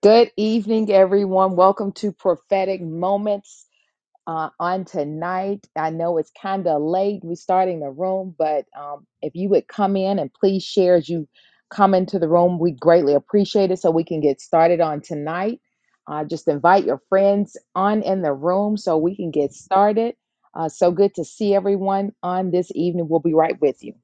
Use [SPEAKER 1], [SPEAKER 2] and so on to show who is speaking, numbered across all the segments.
[SPEAKER 1] Good evening, everyone. Welcome to Prophetic Moments uh, on tonight. I know it's kind of late. We're starting the room, but um, if you would come in and please share as you come into the room, we greatly appreciate it so we can get started on tonight. Uh, just invite your friends on in the room so we can get started. Uh, so good to see everyone on this evening. We'll be right with you.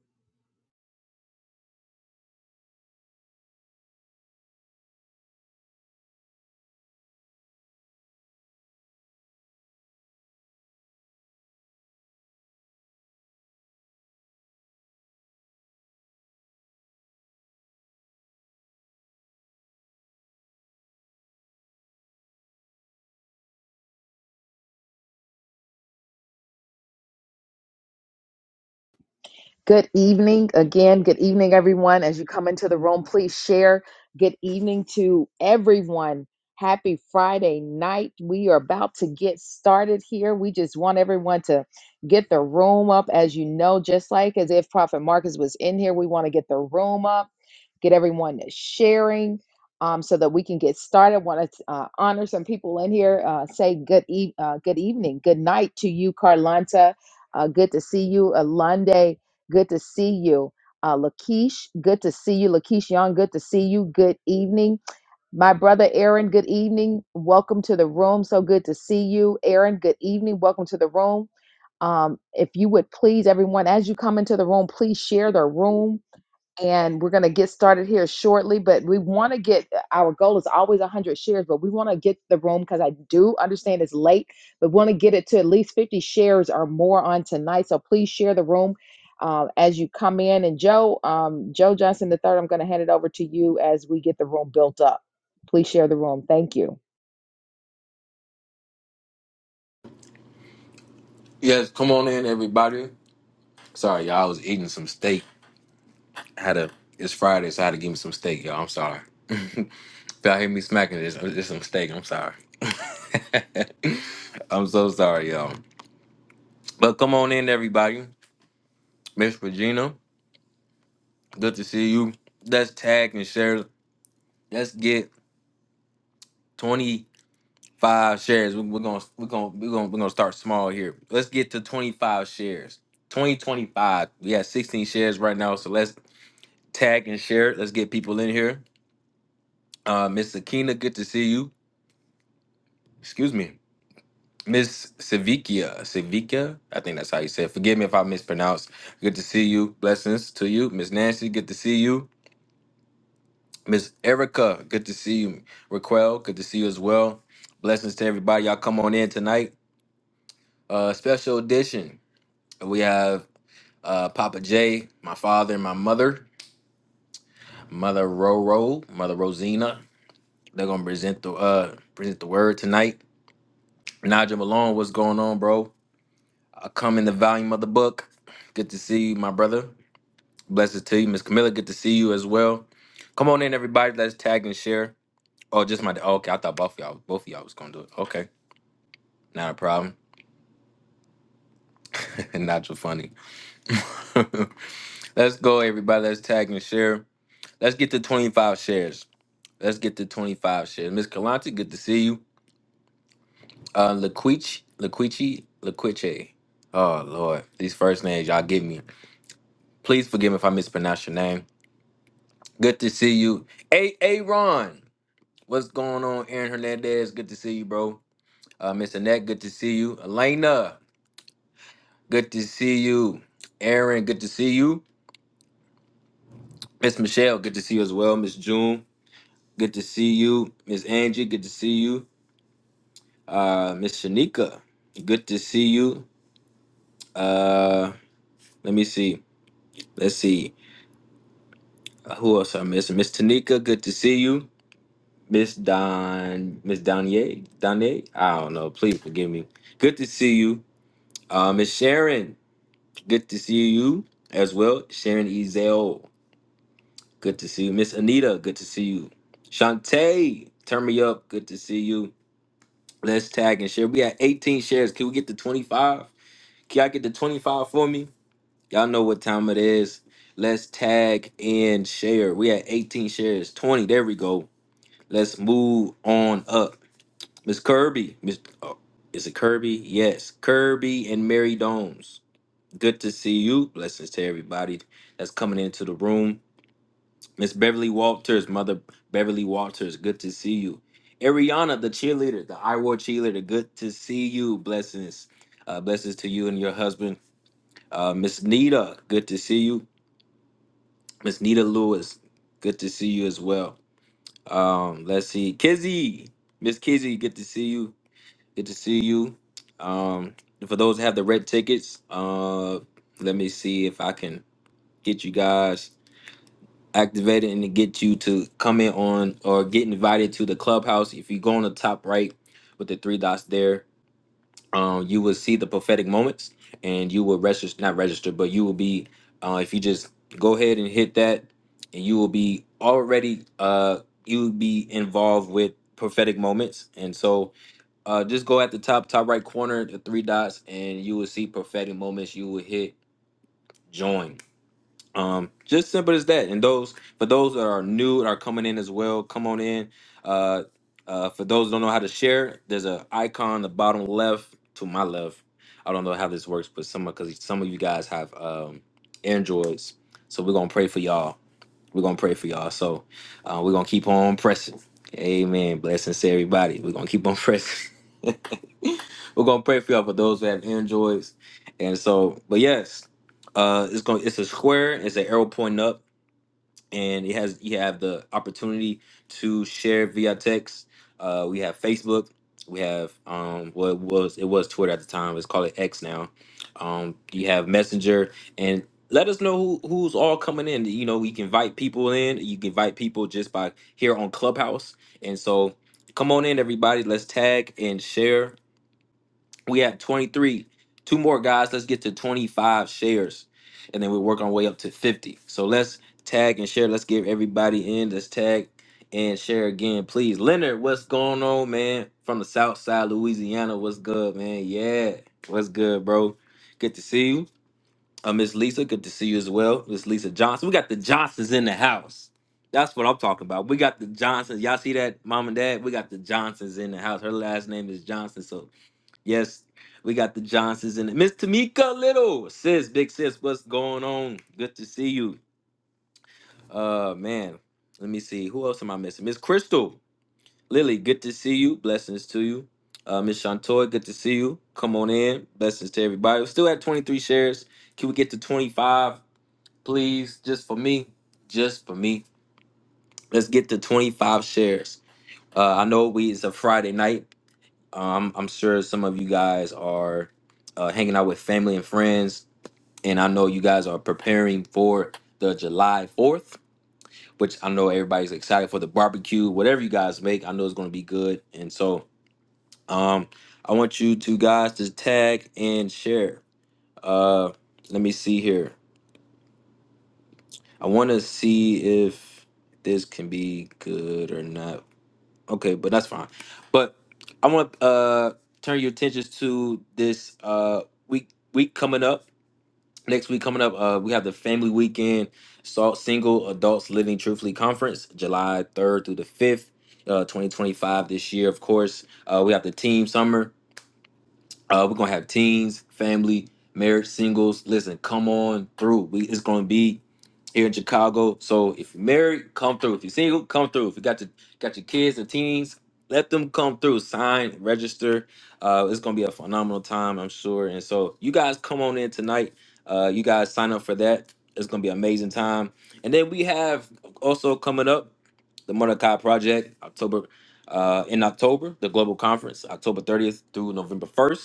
[SPEAKER 1] Good evening again. Good evening, everyone. As you come into the room, please share. Good evening to everyone. Happy Friday night. We are about to get started here. We just want everyone to get the room up, as you know, just like as if Prophet Marcus was in here. We want to get the room up, get everyone sharing. Um, so that we can get started, want to uh, honor some people in here. Uh, say good, e- uh, good evening, good night to you, Carlanta. Uh, good to see you, Alande. Good to see you. Uh, Lakeish, good to see you. Lakeish Young, good to see you. Good evening. My brother Aaron, good evening. Welcome to the room. So good to see you. Aaron, good evening. Welcome to the room. Um, if you would please, everyone, as you come into the room, please share the room and we're going to get started here shortly but we want to get uh, our goal is always 100 shares but we want to get the room because i do understand it's late but want to get it to at least 50 shares or more on tonight so please share the room uh, as you come in and joe um, joe johnson the third i'm going to hand it over to you as we get the room built up please share the room thank you
[SPEAKER 2] Yes, come on in, everybody. Sorry, y'all. I was eating some steak. Had a it's Friday, so I had to give me some steak, y'all. I'm sorry. If y'all hear me smacking this, it's it's some steak. I'm sorry. I'm so sorry, y'all. But come on in, everybody. Miss Regina, good to see you. Let's tag and share. Let's get 25 shares. We- We're gonna we're gonna we're gonna we're gonna start small here. Let's get to 25 shares. 2025. We have 16 shares right now, so let's tag and share. Let's get people in here. Uh, Miss Akina, good to see you. Excuse me. Miss Savikia, Savikia, I think that's how you say it. Forgive me if I mispronounced. Good to see you. Blessings to you. Miss Nancy, good to see you. Miss Erica, good to see you. Raquel, good to see you as well. Blessings to everybody. Y'all come on in tonight. Uh, special edition. We have uh, Papa J, my father and my mother, Mother Roro, Mother Rosina. They're gonna present the uh present the word tonight. Nigel Malone, what's going on, bro? I come in the volume of the book. Good to see you, my brother. Blessings to you, Miss Camilla. Good to see you as well. Come on in, everybody. Let's tag and share. Oh, just my. Oh, okay, I thought both of y'all, both of y'all was gonna do it. Okay, not a problem. not so funny. Let's go, everybody. Let's tag and share. Let's get to 25 shares. Let's get to 25 shares. Miss Kalante, good to see you. Uh, Laquiche, Laquiche, Laquiche. Oh Lord, these first names y'all give me. Please forgive me if I mispronounce your name. Good to see you. Hey, hey, Ron. What's going on, Aaron Hernandez? Good to see you, bro. Uh, Miss Annette, good to see you. Elena, good to see you. Aaron, good to see you. Miss Michelle, good to see you as well. Miss June, good to see you. Miss Angie, good to see you. Uh, Miss Shanika, good to see you. Uh, let me see. Let's see. Uh, who else I missing? Miss Tanika, good to see you. Miss Don, Miss Donier, Donier. I don't know. Please forgive me. Good to see you. Uh, Miss Sharon, good to see you as well. Sharon Ezel, good to see you. Miss Anita, good to see you. Shantae, turn me up, good to see you. Let's tag and share. We had 18 shares. Can we get to 25? Can y'all get to 25 for me? Y'all know what time it is. Let's tag and share. We had 18 shares. 20. There we go. Let's move on up. Miss Kirby. Miss oh, is it Kirby? Yes. Kirby and Mary Domes. Good to see you. Blessings to everybody that's coming into the room. Miss Beverly Walters, Mother Beverly Walters, good to see you. Ariana, the cheerleader, the I War cheerleader, good to see you. Blessings. Uh, blessings to you and your husband. Uh, Miss Nita, good to see you. Miss Nita Lewis, good to see you as well. Um, let's see. Kizzy, Miss Kizzy, good to see you. Good to see you. Um, for those that have the red tickets, uh, let me see if I can get you guys. activated and to get you to come in on or get invited to the clubhouse. If you go on the top right with the three dots there, um, you will see the prophetic moments and you will register, not register, but you will be, uh, if you just go ahead and hit that, and you will be already, uh, you will be involved with prophetic moments. And so uh, just go at the top, top right corner, the three dots, and you will see prophetic moments. You will hit join um, just simple as that. And those for those that are new and are coming in as well, come on in. Uh, uh, for those who don't know how to share, there's an icon on the bottom left to my left. I don't know how this works, but some because some of you guys have um, Androids, so we're gonna pray for y'all we're gonna pray for y'all. So uh, we're gonna keep on pressing. Amen. Blessings to everybody. We're gonna keep on pressing. we're gonna pray for y'all for those who have Androids. And so, but yes, uh, it's going to it's a square. It's an arrow pointing up and it has you have the opportunity to share via text. Uh, we have Facebook. We have um, what was it was Twitter at the time. Let's call it X now. Um, you have Messenger, and let us know who, who's all coming in. You know, you can invite people in. You can invite people just by here on Clubhouse, and so come on in, everybody. Let's tag and share. We have 23. Two more guys. Let's get to 25 shares. And then we work our way up to 50. So let's tag and share. Let's get everybody in. Let's tag and share again, please. Leonard, what's going on, man? From the South Side, Louisiana. What's good, man? Yeah. What's good, bro? Good to see you. Uh, Miss Lisa, good to see you as well. Miss Lisa Johnson. We got the Johnsons in the house. That's what I'm talking about. We got the Johnsons. Y'all see that, mom and dad? We got the Johnsons in the house. Her last name is Johnson. So Yes, we got the Johnsons in it. Miss Tamika Little, sis, big sis, what's going on? Good to see you. Uh, man, let me see. Who else am I missing? Miss Crystal, Lily, good to see you. Blessings to you. Uh, Miss Shantoy, good to see you. Come on in. Blessings to everybody. We're still at 23 shares. Can we get to 25, please? Just for me. Just for me. Let's get to 25 shares. Uh, I know we it's a Friday night. Um, I'm sure some of you guys are uh, hanging out with family and friends, and I know you guys are preparing for the July 4th, which I know everybody's excited for the barbecue. Whatever you guys make, I know it's going to be good. And so, um, I want you two guys to tag and share. Uh, let me see here. I want to see if this can be good or not Okay, but that's fine. But I want to uh, turn your attentions to this uh, week week coming up. Next week coming up, uh, we have the Family Weekend Salt Single Adults Living Truthfully Conference, July 3rd through the 5th, uh, 2025 this year, of course. Uh, we have the Team Summer. Uh, we're going to have teens, family, marriage, singles. Listen, come on through. We, it's going to be here in Chicago. So if you're married, come through. If you're single, come through. If you got your got your kids and teens, let them come through. Sign, register. Uh, it's gonna be a phenomenal time, I'm sure. And so you guys come on in tonight. Uh, you guys sign up for that. It's gonna be an amazing time. And then we have also coming up the Mordecai Project, October uh, in October, the global conference, October 30th through November 1st.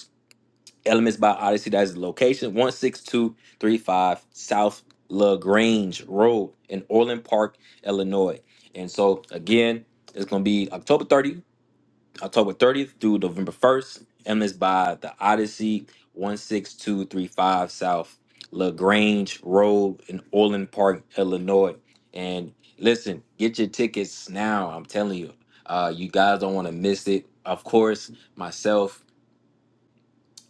[SPEAKER 2] Elements by Odyssey. That is the location. 16235 South LaGrange Road in Orland Park, Illinois. And so again, it's gonna be October 30th, October 30th through November 1st. Elements by the Odyssey 16235 South LaGrange Road in Orland Park, Illinois. And listen, get your tickets now. I'm telling you. Uh, you guys don't want to miss it. Of course, myself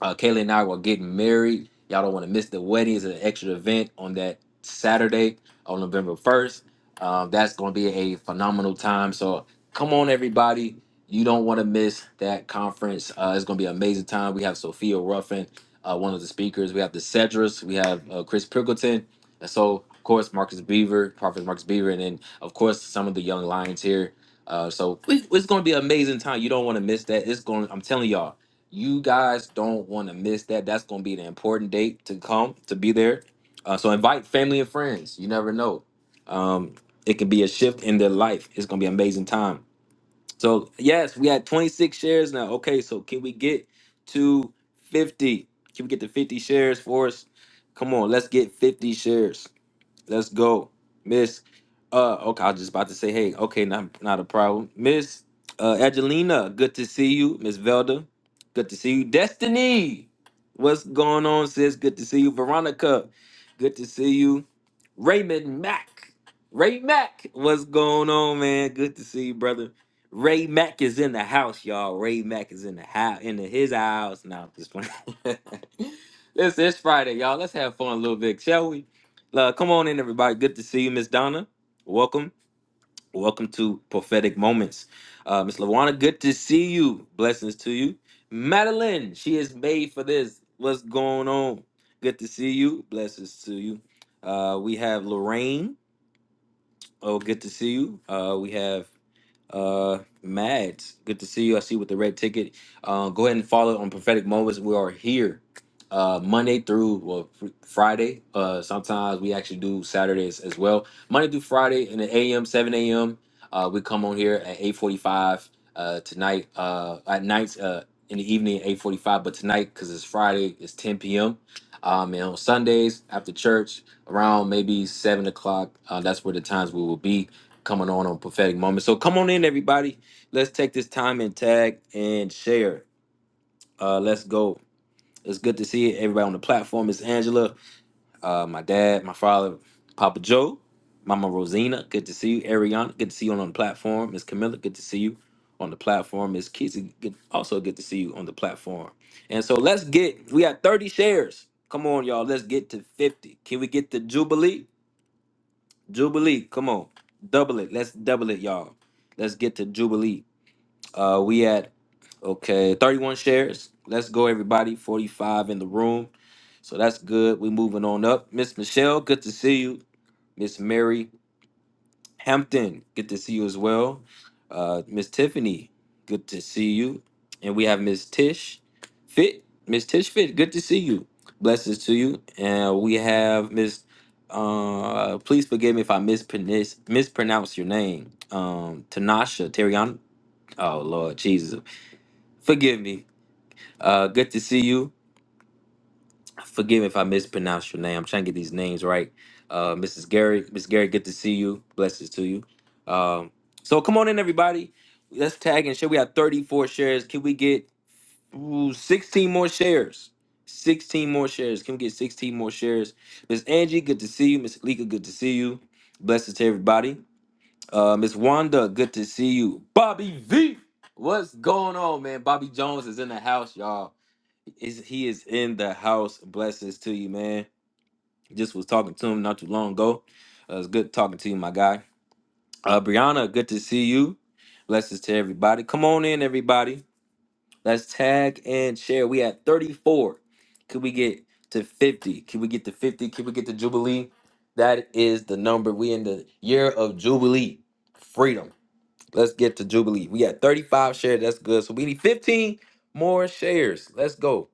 [SPEAKER 2] uh, Kayla and I were getting married. Y'all don't want to miss the wedding. It's an extra event on that Saturday on November 1st. Um, that's going to be a phenomenal time. So come on, everybody. You don't want to miss that conference. Uh, it's going to be an amazing time. We have Sophia Ruffin, uh, one of the speakers. We have the Cedrus. We have uh, Chris Pickleton. And so, of course, Marcus Beaver, Prophet Marcus Beaver. And then, of course, some of the young lions here. Uh, so we- it's going to be an amazing time. You don't want to miss that. It's going. I'm telling y'all. You guys don't want to miss that. That's going to be the important date to come to be there. Uh, so invite family and friends. You never know. Um, it can be a shift in their life. It's going to be an amazing time. So yes, we had 26 shares now. Okay, so can we get to 50? Can we get to 50 shares for us? Come on, let's get 50 shares. Let's go, Miss. Uh, okay, I was just about to say, hey, okay, not not a problem, Miss uh, Angelina. Good to see you, Miss Velda. Good to see you, Destiny. What's going on, sis? Good to see you, Veronica. Good to see you. Raymond Mack. Ray Mack, what's going on, man? Good to see you, brother. Ray Mack is in the house, y'all. Ray Mack is in the house, in his house. Now, I'm just playing. this is Friday, y'all. Let's have fun a little bit, shall we? Uh, come on in, everybody. Good to see you, Miss Donna. Welcome. Welcome to Prophetic Moments. Uh, Miss Lawana, good to see you. Blessings to you. Madeline, she is made for this. What's going on? Good to see you. Blessings to you. Uh, we have Lorraine. Oh, good to see you. Uh, we have uh, Mads, good to see you. I see you with the red ticket. Uh, go ahead and follow on prophetic moments. We are here uh, Monday through well fr- Friday. Uh, sometimes we actually do Saturdays as well. Monday through Friday in the a.m. 7 a.m. Uh, we come on here at 8:45 uh, tonight. Uh, at nights uh, in the evening at 8:45, but tonight because it's Friday, it's 10 p.m. Um, and on Sundays after church around maybe seven o'clock. Uh, that's where the times we will be coming on on prophetic moments. So come on in, everybody. Let's take this time and tag and share. Uh, let's go. It's good to see everybody on the platform. It's Angela, uh, my dad, my father, Papa Joe, Mama Rosina. Good to see you, Ariana. Good to see you on, on the platform. Miss Camilla. Good to see you on the platform. Miss Kizzy. Good, also good to see you on the platform. And so let's get. We got thirty shares. Come on, y'all. Let's get to fifty. Can we get the Jubilee? Jubilee, come on. Double it. Let's double it, y'all. Let's get to Jubilee. Uh we at okay, 31 shares. Let's go, everybody. 45 in the room. So that's good. we moving on up. Miss Michelle, good to see you. Miss Mary, Hampton, good to see you as well. Uh, Miss Tiffany, good to see you. And we have Miss Tish Fit. Miss Tish Fit, good to see you. Blessings to you. And we have Miss, uh, please forgive me if I mispronounce, mispronounce your name. Um, Tanasha Terriana. Oh, Lord Jesus. Forgive me. Uh, good to see you. Forgive me if I mispronounce your name. I'm trying to get these names right. Uh, Mrs. Gary, Miss Gary, good to see you. Blessings to you. Um, so come on in, everybody. Let's tag and share. We have 34 shares. Can we get ooh, 16 more shares? 16 more shares. Can we get 16 more shares? Miss Angie, good to see you. Miss Lika, good to see you. Blessings to everybody. Uh, Miss Wanda, good to see you. Bobby V, what's going on, man? Bobby Jones is in the house, y'all. Is he is in the house? Blessings to you, man. Just was talking to him not too long ago. Uh, it's good talking to you, my guy. Uh, Brianna, good to see you. Blessings to everybody. Come on in, everybody. Let's tag and share. We at 34. Could we get to 50? Can we get to 50? Can we get to Jubilee? That is the number. We in the year of Jubilee. Freedom. Let's get to Jubilee. We got 35 shares. That's good. So we need 15 more shares. Let's go.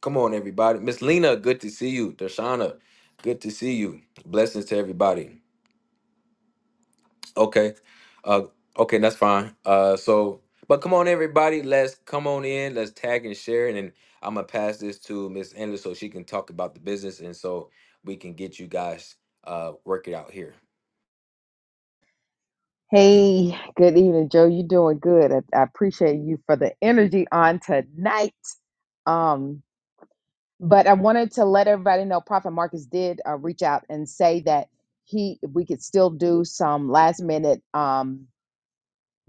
[SPEAKER 2] Come on, everybody. Miss Lena, good to see you. Darshana, good to see you. Blessings to everybody. Okay. Uh okay, that's fine. Uh so but come on everybody, let's come on in, let's tag and share and then I'm gonna pass this to Miss Anderson so she can talk about the business and so we can get you guys uh work it out here.
[SPEAKER 1] hey good evening joe you doing good i, I appreciate you for the energy on tonight um but I wanted to let everybody know Prophet Marcus did uh, reach out and say that he we could still do some last minute um,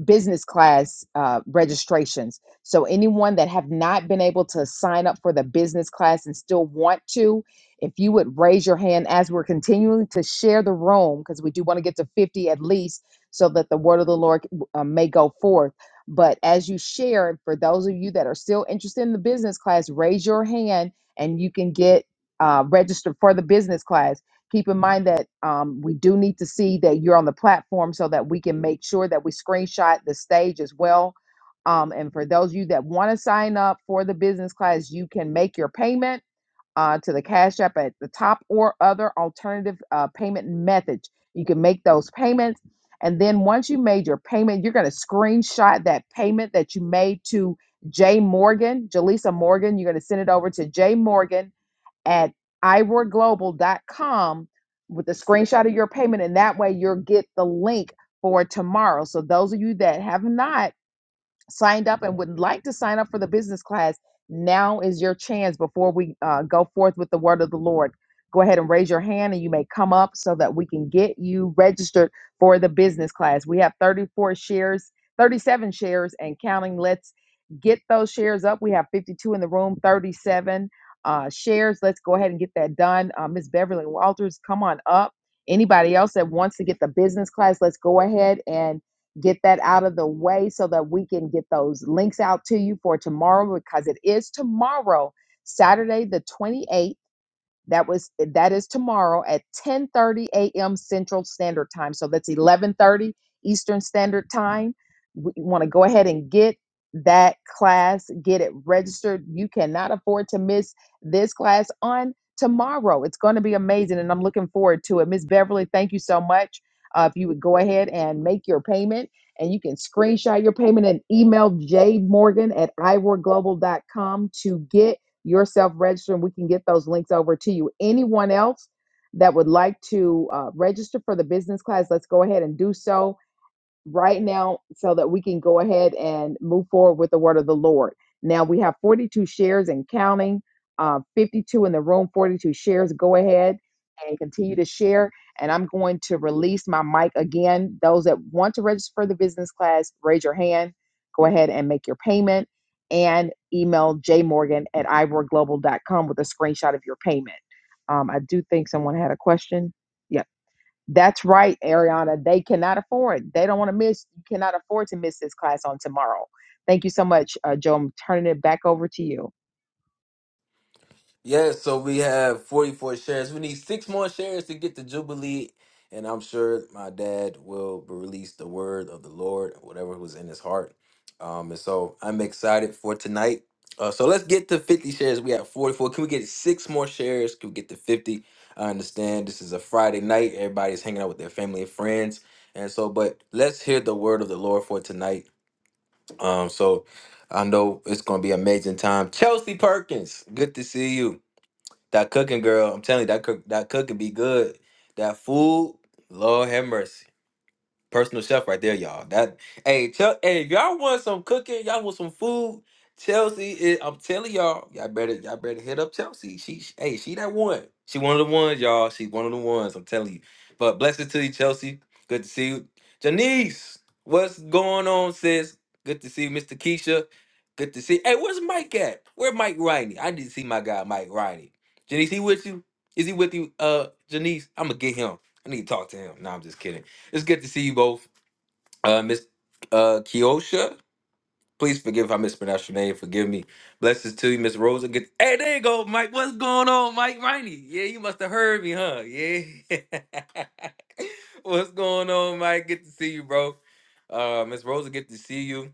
[SPEAKER 1] business class uh, registrations. So anyone that have not been able to sign up for the business class and still want to, if you would raise your hand as we're continuing to share the room, because we do want to get to 50 at least, so that the word of the Lord uh, may go forth. But as you share, for those of you that are still interested in the business class, raise your hand and you can get uh, registered for the business class keep in mind that um, we do need to see that you're on the platform so that we can make sure that we screenshot the stage as well. Um, and for those of you that want to sign up for the business class, you can make your payment uh, to the Cash App at the top or other alternative uh, payment methods. You can make those payments. And then once you made your payment, you're going to screenshot that payment that you made to Jay Morgan, Jaleesa Morgan. You're going to send it over to Jay Morgan at iWork Global dot com with a screenshot of your payment, and that way you'll get the link for tomorrow. So those of you that have not signed up and would like to sign up for the business class, now is your chance before we uh, go forth with the word of the Lord. Go ahead and raise your hand and you may come up so that we can get you registered for the business class. We have 34 shares, 37 shares and counting. Let's get those shares up. We have 52 in the room, 37 uh, shares. Let's go ahead and get that done. Uh, Ms. Beverly Walters, come on up. Anybody else that wants to get the business class, let's go ahead and get that out of the way so that we can get those links out to you for tomorrow because it is tomorrow, Saturday the 28th. That was that is tomorrow at 10:30 a.m. Central Standard Time. So that's 11:30 Eastern Standard Time. We- want to go ahead and get that class, get it registered. You cannot afford to miss this class on tomorrow. It's going to be amazing, and I'm looking forward to it. Miss Beverly, thank you so much. Uh, if you would go ahead and make your payment, and you can screenshot your payment and email jmorgan at iworglobal.com to get yourself registering, we can get those links over to you. Anyone else that would like to uh, register for the business class, let's go ahead and do so right now so that we can go ahead and move forward with the word of the Lord. Now we have 42 shares and counting, uh, 52 in the room, 42 shares. Go ahead and continue to share. And I'm going to release my mic again. Those that want to register for the business class, raise your hand. Go ahead and make your payment and email jmorgan at ivor global dot com with a screenshot of your payment. Um, I do think someone had a question. That's right, Ariana. They cannot afford. They don't want to miss. You cannot afford to miss this class on tomorrow. Thank you so much, uh, Joe. I'm turning it back over to you.
[SPEAKER 2] Yeah, so we have 44 shares. We need six more shares to get the Jubilee. And I'm sure my dad will release the word of the Lord, whatever was in his heart. Um, and so I'm excited for tonight. Uh, so let's get to 50 shares. We have 44. Can we get six more shares? Can we get to 50? I understand this is a Friday night. Everybody's hanging out with their family and friends. And so, but let's hear the word of the Lord for tonight. Um, so I know it's going to be an amazing time. Chelsea Perkins, good to see you. That cooking girl, I'm telling you, that cook that cooking be good. That food, Lord have mercy. Personal chef right there, y'all. That hey, tell hey, if y'all want some cooking, y'all want some food. Chelsea, is, I'm telling y'all, y'all better y'all better hit up Chelsea. She she- hey, she that one. She one of the ones, y'all. She one of the ones. I'm telling you. But blessings to you, Chelsea. Good to see you, Janice. What's going on, sis? Good to see you, Mr. Keisha. Good to see. Hey, where's Mike at? Where Mike Riney? I need to see my guy Mike Riney. Janice, he with you? Is he with you? Uh, Janice, I'm gonna get him. I need to talk to him. No, I'm just kidding. It's good to see you both. Uh, Miss uh, Keosha, please forgive if I mispronounced your name. Forgive me. Blessings to you, Miss Rosa. Good. Hey, there you go, Mike. What's going on, Mike Riney? Yeah, you must have heard me, huh? Yeah. What's going on, Mike? Good to see you, bro. Uh, Miss Rosa, good to see you.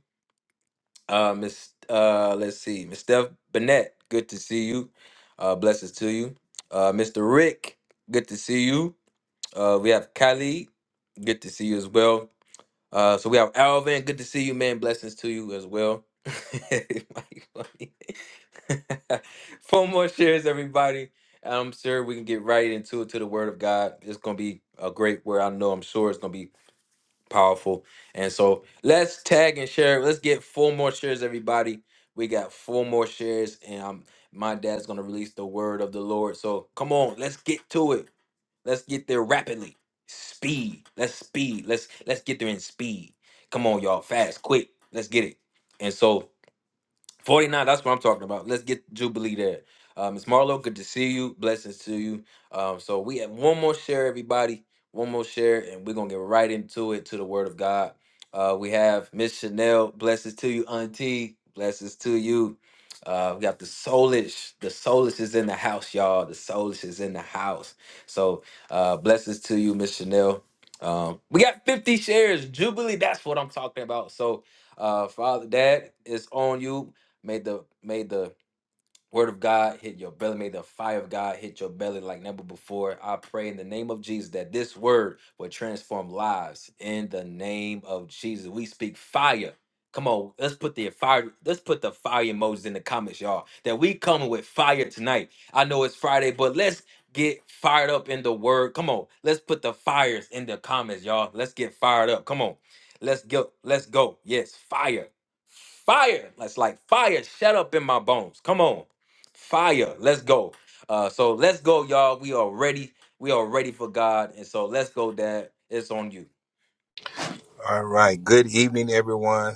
[SPEAKER 2] Uh, Miss, uh, let's see, Miss Steph Bennett, good to see you. Uh, blessings to you. Uh, Mr. Rick, good to see you. Uh, we have Kylie, good to see you as well. Uh, so we have Alvin. Good to see you, man. Blessings to you as well. Mike, funny. Four more shares, everybody. I'm sure we can get right into it to the Word of God. It's gonna be a great word. I know. I'm sure it's gonna be powerful. And so let's tag and share. Let's get four more shares, everybody. We got four more shares, and i my dad's gonna release the word of the Lord. So come on, let's get to it. Let's get there rapidly. Speed. Let's speed. Let's let's get there in speed. Come on, y'all. Fast, quick. Let's get it. And so 49, that's what I'm talking about. Let's get Jubilee there. Uh, Miss Marlowe, good to see you. Blessings to you. Um, so we have one more share, everybody. One more share, and we're gonna get right into it to the word of God. Uh, we have Miss Chanel, blessings to you, Auntie. Blessings to you. Uh, we got the soulish. The soulish is in the house, y'all. The soulish is in the house. So uh blessings to you, Miss Chanel. Um, we got 50 shares, Jubilee. That's what I'm talking about. So uh Father Dad, it's on you made the made the Word of God hit your belly. May the fire of God hit your belly like never before. I pray in the name of Jesus that this word will transform lives. In the name of Jesus, we speak fire. Come on, let's put the fire. Let's put the fire emojis in the comments, y'all. That we coming with fire tonight. I know it's Friday, but let's get fired up in the word. Come on, let's put the fires in the comments, y'all. Let's get fired up. Come on, let's go. Let's go. Yes, fire, fire. That's like fire. Shut up in my bones. Come on. Fire. Let's go. Uh, so let's go, y'all. We are ready. We are ready for God. And so let's go, Dad. It's on you.
[SPEAKER 3] All right. Good evening, everyone.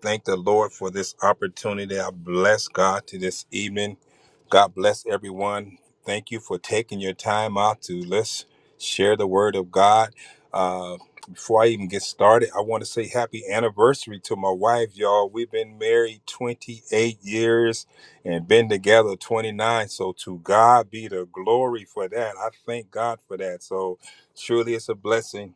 [SPEAKER 3] Thank the Lord for this opportunity. I bless God to this evening. God bless everyone. Thank you for taking your time out to let's share the word of God. Uh, before I even get started, I want to say happy anniversary to my wife, y'all. We've been married 28 years and been together 29. So to God be the glory for that. I thank God for that. So truly it's a blessing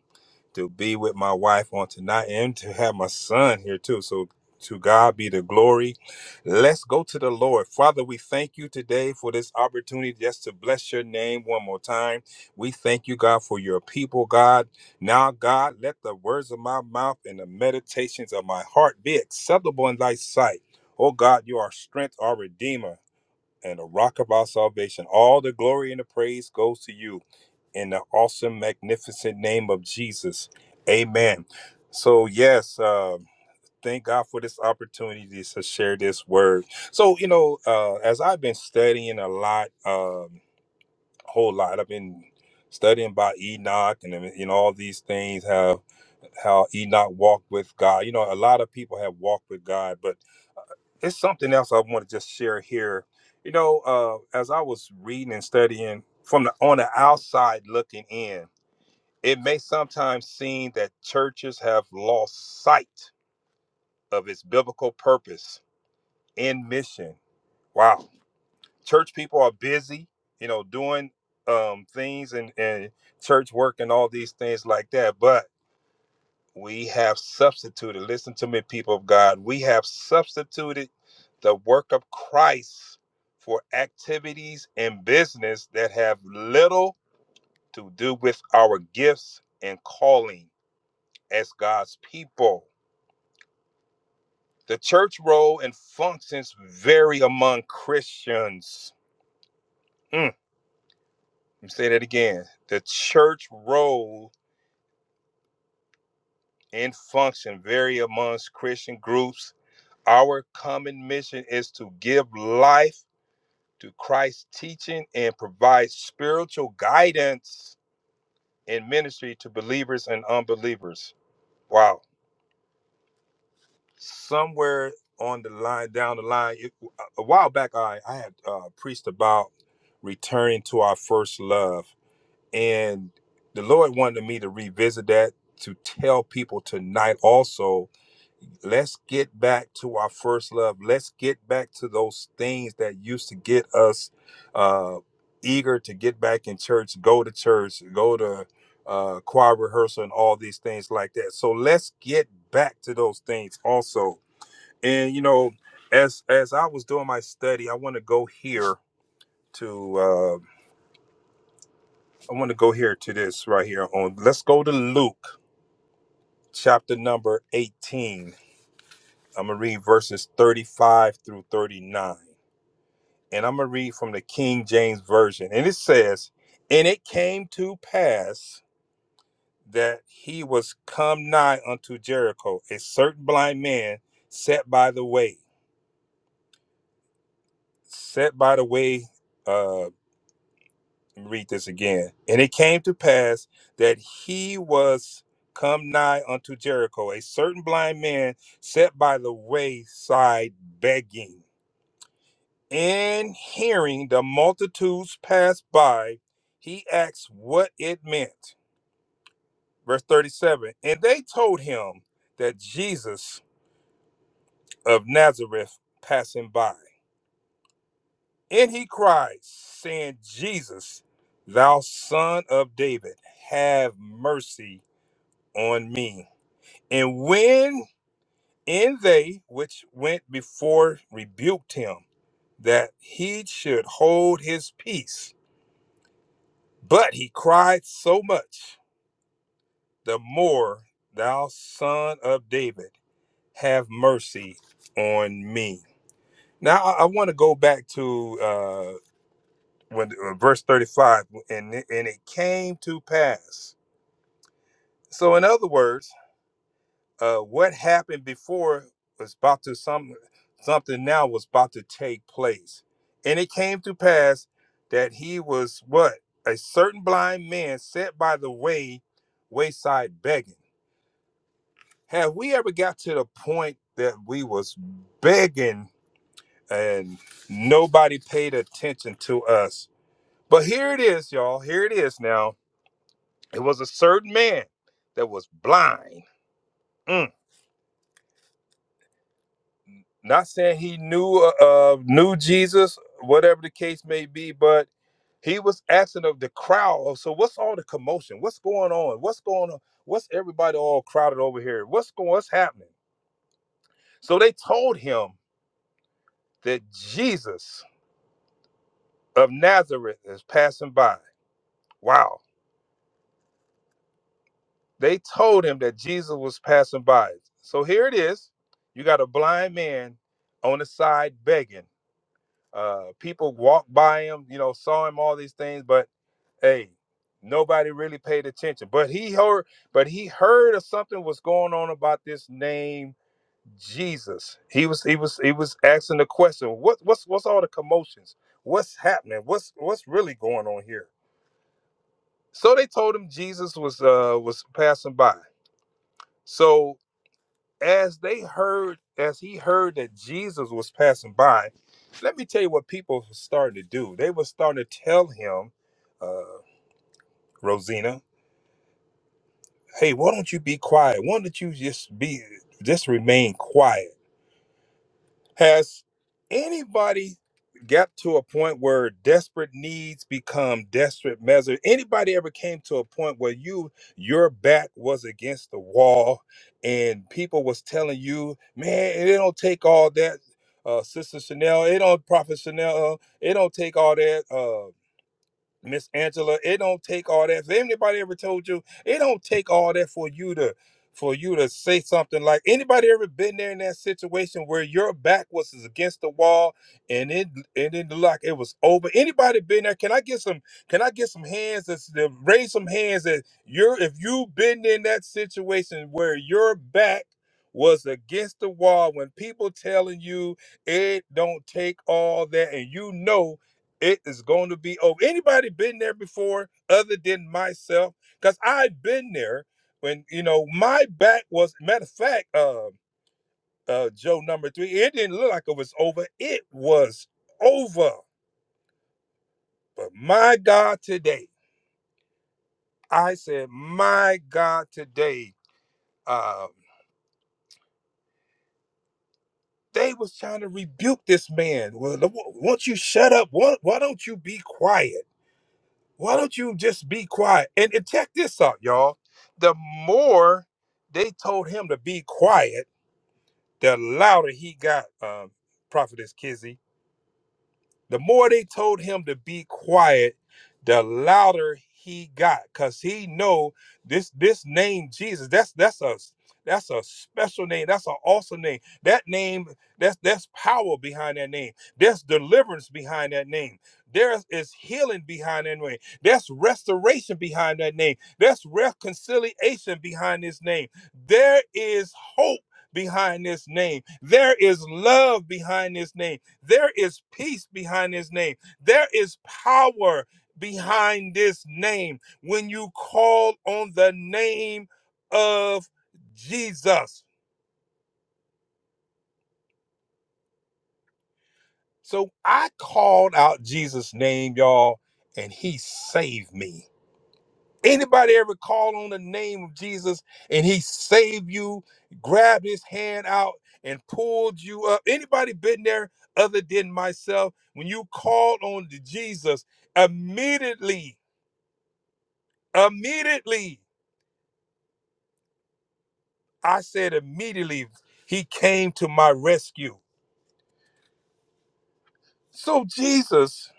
[SPEAKER 3] to be with my wife on tonight and to have my son here too. So to God be the glory. Let's go to the Lord. Father, we thank you today for this opportunity just to bless your name one more time. We thank you, God, for your people, God. Now, God, let the words of my mouth and the meditations of my heart be acceptable in thy sight. Oh God, you are strength, our redeemer, and the rock of our salvation. All the glory and the praise goes to you in the awesome, magnificent name of Jesus. Amen. So, yes, uh, thank God for this opportunity to share this word. So, you know, uh, as I've been studying a lot, um, a whole lot, I've been studying about Enoch and uh, you know all these things, how how Enoch walked with God. You know, a lot of people have walked with God, but it's something else I want to just share here. You know, uh, as I was reading and studying from the on the outside looking in, it may sometimes seem that churches have lost sight of its biblical purpose and mission. Wow. Church people are busy, you know, doing um, things and, and church work and all these things like that. But we have substituted, listen to me, people of God, we have substituted the work of Christ for activities and business that have little to do with our gifts and calling as God's people The church role and functions vary among Christians. Mm, let me say that again. The church role and function vary amongst Christian groups. Our common mission is to give life to Christ's teaching and provide spiritual guidance and ministry to believers and unbelievers. Wow. Somewhere on the line, down the line, it- a while back, I, I had uh, preached about returning to our first love And the Lord wanted me to revisit that to tell people tonight also, let's get back to our first love. Let's get back to those things that used to get us uh, eager to get back in church, go to church, go to uh, choir rehearsal, and all these things like that. So let's get back to those things also. And you know, as as I was doing my study, I want to go here to uh, I want to go here to this right here on. Let's go to Luke. chapter number 18. I'm going to read verses 35 through 39. And I'm going to read from the King James Version. And it says, And it came to pass that he was come nigh unto Jericho, a certain blind man sat by the way. Set by the way, uh, read this again. And it came to pass that he was come nigh unto Jericho, a certain blind man sat by the wayside begging And hearing the multitudes pass by, he asked what it meant. Verse 37 And they told him that Jesus of Nazareth passing by. And he cried, saying, Jesus, thou son of David, have mercy on me. And when and they which went before rebuked him, that he should hold his peace. But he cried so much the more thou son of David, have mercy on me. Now I, I want to go back to uh, when uh, verse 35, and it- and it came to pass. So in other words, uh, what happened before was about to some something now was about to take place, and it came to pass that he was what a certain blind man sat by the way wayside begging. Have we ever got to the point that we was begging and nobody paid attention to us? But here it is, y'all. Here it is now. It was a certain man that was blind. Mm. Not saying he knew uh uh, knew Jesus, whatever the case may be, but he was asking of the crowd. "Oh, So what's all the commotion? What's going on? What's going on? What's everybody all crowded over here? What's going? What's happening? So they told him that Jesus of Nazareth is passing by. Wow. They told him that Jesus was passing by. So here it is. You got a blind man on the side begging. Uh, people walked by him, you know, saw him all these things, but hey, nobody really paid attention. But he heard, but he heard of something was going on about this name Jesus. He was he was he was asking the question, what what's what's all the commotions? What's happening? What's what's really going on here? So they told him Jesus was uh was passing by. So as they heard, as he heard that Jesus was passing by, let me tell you what people were starting to do. They were starting to tell him, uh, Rosina, hey, why don't you be quiet? Why don't you just be just remain quiet? Has anybody got to a point where desperate needs become desperate measures? Anybody ever came to a point where you your back was against the wall and people was telling you, man, it don't take all that. Uh, Sister Chanel, it don't Prophet Chanel, uh, it don't take all that. uh, Miss Angela, it don't take all that. If anybody ever told you, it don't take all that for you to for you to say something like anybody ever been there in that situation where your back was against the wall and it and it looked like it was over. Anybody been there? Can I get some can I get some hands that's that raise some hands that you're if you've been in that situation where your back was against the wall when people telling you it don't take all that and you know it is going to be over. Anybody been there before other than myself? Because I've been there when, you know, my back was, matter of fact, uh, uh, Joe number three, it didn't look like it was over. It was over. But my God, today, I said, my God, today, um, they was trying to rebuke this man. Well, won't you shut up? Why, why don't you be quiet? Why don't you just be quiet? And, and check this out, y'all. The more they told him to be quiet, the louder he got, um, Prophetess Kizzy. The more they told him to be quiet, the louder he got, cause he know this this name Jesus. That's that's a that's a special name. That's an awesome name. That name that's that's power behind that name. There's deliverance behind that name. There is healing behind that name. There's restoration behind that name. There's reconciliation behind this name. There is hope behind this name. There is love behind this name. There is peace behind his name. There is power behind this name when you call on the name of Jesus. So I called out Jesus' name, y'all, and he saved me. Anybody ever call on the name of Jesus and he saved you, grabbed his hand out and pulled you up? Anybody been there other than myself? When you called on to Jesus, immediately Immediately, I said, immediately, he came to my rescue. So Jesus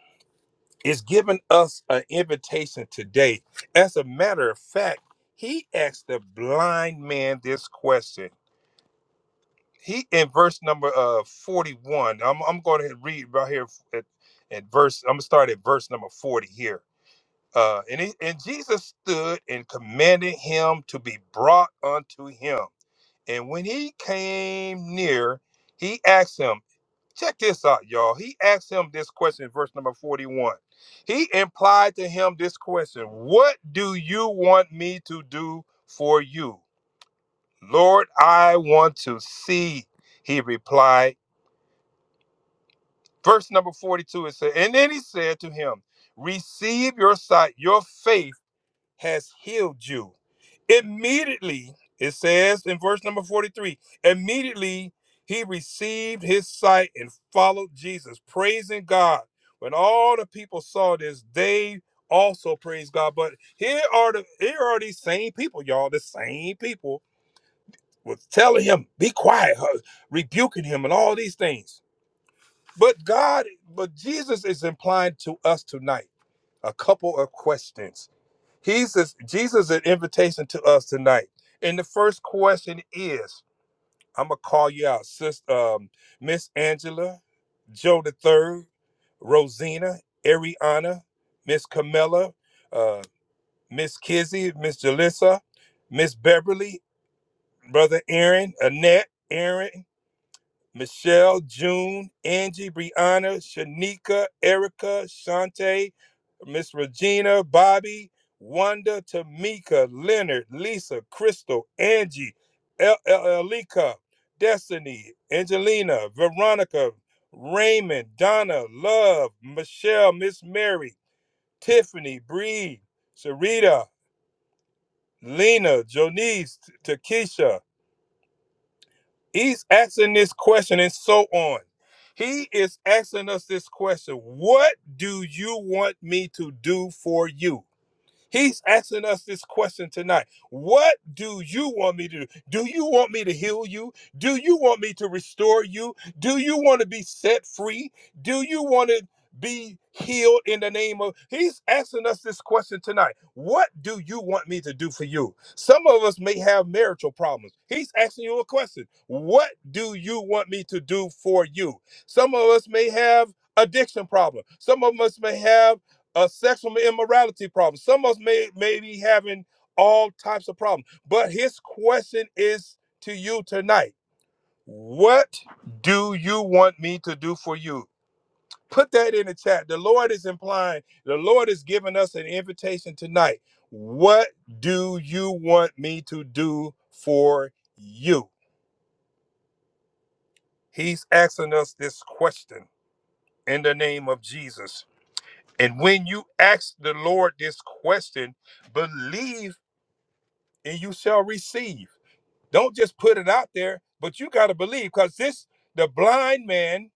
[SPEAKER 3] is giving us an invitation today. As a matter of fact, he asked the blind man this question. He in verse number uh 41. I'm I'm going to read right here at, at verse. I'm gonna start at verse number 40 here. Uh, and he, and Jesus stood and commanded him to be brought unto him. And when he came near, he asked him, check this out, y'all. He asked him this question, verse number 41. He implied to him this question What do you want me to do for you? Lord, I want to see, he replied. Verse number 42, it said, And then he said to him, Receive your sight, your faith has healed you. Immediately, it says in verse number 43, immediately he received his sight and followed Jesus, praising God. When all the people saw this, they also praised God. But here are the here are these same people, y'all. The same people was telling him, be quiet, huh, rebuking him and all these things. But God, but Jesus is implying to us tonight a couple of questions He's this, Jesus' is an invitation to us tonight. And the first question is, I'm gonna call you out, sis, um, Miss Angela, Joe the Third, Rosina, Ariana, Miss Camilla, uh, Miss Kizzy, Miss Jalissa, Miss Beverly, Brother Aaron, Annette, Aaron. Michelle, June, Angie, Brianna, Shanika, Erica, Shante, Miss Regina, Bobby, Wanda, Tamika, Leonard, Lisa, Crystal, Angie, El- El- Elika, Destiny, Angelina, Veronica, Raymond, Donna, Love, Michelle, Miss Mary, Tiffany, Bree, Sarita, Lena, Jonice, Takesha, He's asking this question and so on. He is asking us this question What do you want me to do for you? He's asking us this question tonight. What do you want me to do? Do you want me to heal you? Do you want me to restore you? Do you want to be set free? Do you want to be healed in the name of? He's asking us this question tonight. What do you want me to do for you? Some of us may have marital problems. He's asking you a question. What do you want me to do for you? Some of us may have addiction problem. Some of us may have a sexual immorality problem. Some of us may, may be having all types of problems. But his question is to you tonight What do you want me to do for you? Put that in the chat. The Lord is implying, the Lord is giving us an invitation tonight. What do you want me to do for you? He's asking us this question in the name of Jesus. And when you ask the Lord this question, believe and you shall receive. Don't just put it out there, but you got to believe because this, the blind man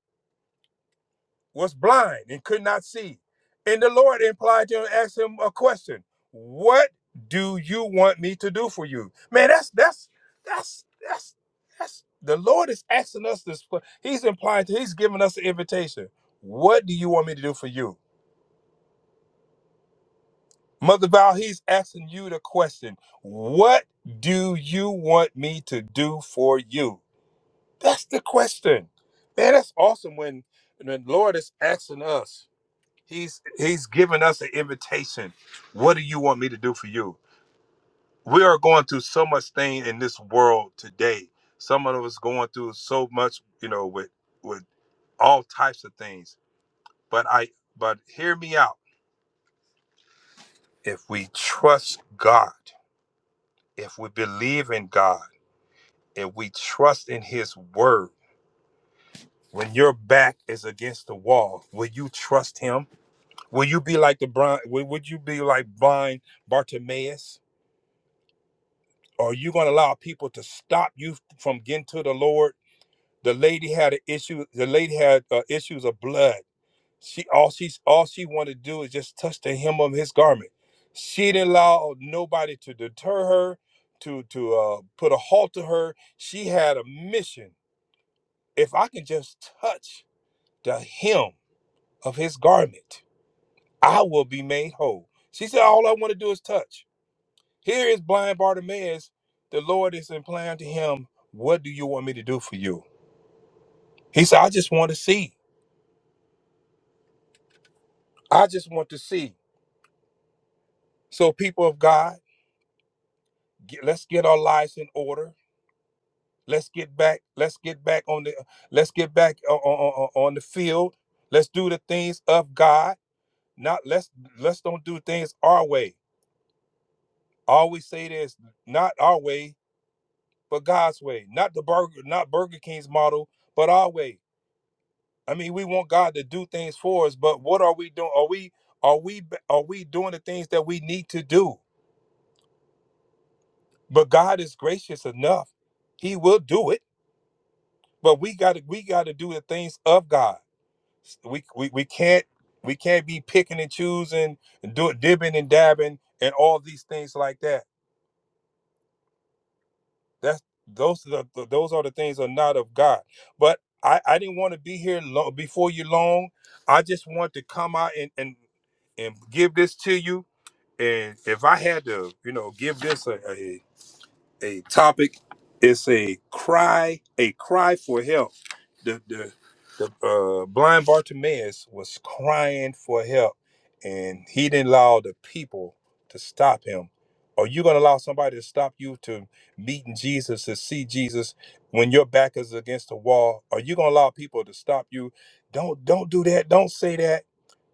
[SPEAKER 3] was blind and could not see. And the Lord implied to him, asked him a question What do you want me to do for you? Man, that's, that's, that's, that's, that's, the Lord is asking us this. He's implying, to, he's giving us the invitation. What do you want me to do for you? Mother Val, he's asking you the question. What do you want me to do for you? That's the question. Man, that's awesome when when the Lord is asking us. He's he's giving us an invitation. What do you want me to do for you? We are going through so much thing in this world today. Some of us going through so much, you know, with with all types of things. But I but hear me out. If we trust God, if we believe in God, if we trust in his word, when your back is against the wall, will you trust him? Will you be like the blind? Would would you be like blind Bartimaeus? Are you going to allow people to stop you from getting to the Lord? The lady had an issue. The lady had uh, issues of blood. She all she's all she wanted to do is just touch the hem of his garment. She didn't allow nobody to deter her, to to uh, put a halt to her. She had a mission. If I can just touch the hem of his garment, I will be made whole. She said, all I want to do is touch. Here is blind Bartimaeus. The Lord is implying to him, What do you want me to do for you? He said, I just want to see. I just want to see. So, people of God, get, let's get our lives in order. Let's get back. Let's get back on the. Let's get back on, on, on the field. Let's do the things of God. Not let's let's don't do things our way. I always say this: not our way, but God's way. Not the burger, not Burger King's model, but our way. I mean, we want God to do things for us, but what are we doing? Are we are we are we doing the things that we need to do? But God is gracious enough; He will do it. But we got to we got to do the things of God. We, we we can't we can't be picking and choosing and do dibbing and dabbing and all these things like that. That's those are the the- those are the things that are not of God. But I I didn't want to be here long, before you long. I just want to come out and and and give this to you And if I had to, you know, give this a, a, a topic, it's a cry, a cry for help. The the the uh, blind Bartimaeus was crying for help, and he didn't allow the people to stop him. Are you going to allow somebody to stop you to meeting Jesus to see Jesus when your back is against the wall? Are you going to allow people to stop you? Don't don't do that. Don't say that.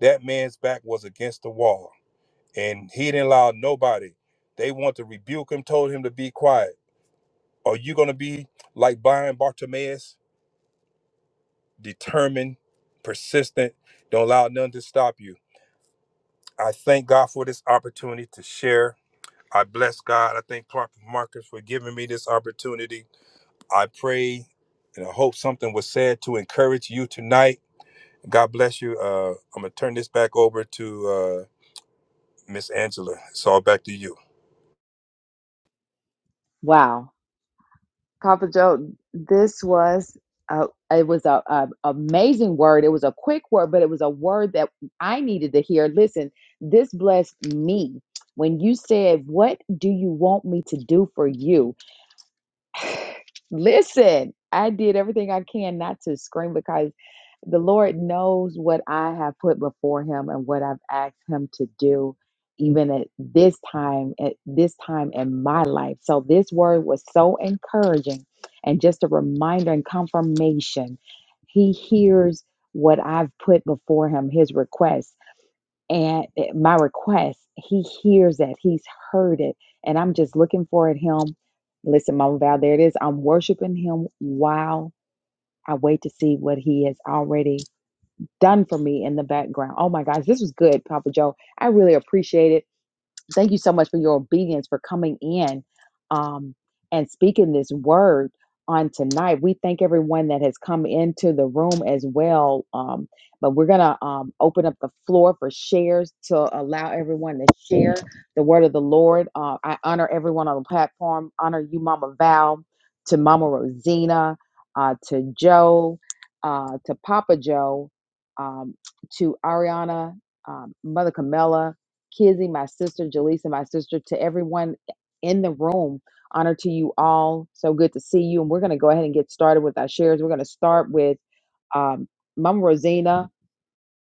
[SPEAKER 3] That man's back was against the wall and he didn't allow nobody. They want to rebuke him, told him to be quiet. Are you going to be like Brian Bartimaeus, determined, persistent, don't allow none to stop you? I thank God for this opportunity to share. I bless God. I thank Prophet Marcus for giving me this opportunity. I pray and I hope something was said to encourage you tonight. God bless you. Uh, I'm going to turn this back over to uh, Miss Angela. It's all back to you.
[SPEAKER 1] Wow, Papa Joe, this was a, it was a, a amazing word. It was a quick word, but it was a word that I needed to hear. Listen, this blessed me when you said, "What do you want me to do for you?" Listen, I did everything I can not to scream because the Lord knows what I have put before him and what I've asked him to do even at this time at this time in my life. So this word was so encouraging and just a reminder and confirmation. He hears what I've put before him, his request and it- my request he hears that he's heard it and i'm just looking for at him listen mama val there it is i'm worshiping him while i wait to see what he has already done for me in the background oh my gosh this was good papa joe i really appreciate it thank you so much for your obedience for coming in um, and speaking this word on tonight. We thank everyone that has come into the room as well. Um, but we're going to um, open up the floor for shares to allow everyone to share the word of the Lord. Uh, I honor everyone on the platform, honor you, Mama Val, to Mama Rosina, uh, to Joe, uh, to Papa Joe, um, to Ariana, um, Mother Camella Kizzy, my sister, Jaleesa, my sister, to everyone in the room. Honor to you all. So good to see you. And we're going to go ahead and get started with our shares. We're going to start with um, Mama Rosina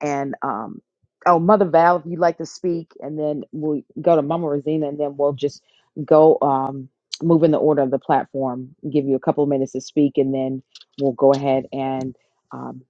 [SPEAKER 1] and um oh mother val if you'd like to speak and then we'll go to mama rosina and then we'll just go um move in the order of the platform give you a couple of minutes to speak and then we'll go ahead and um,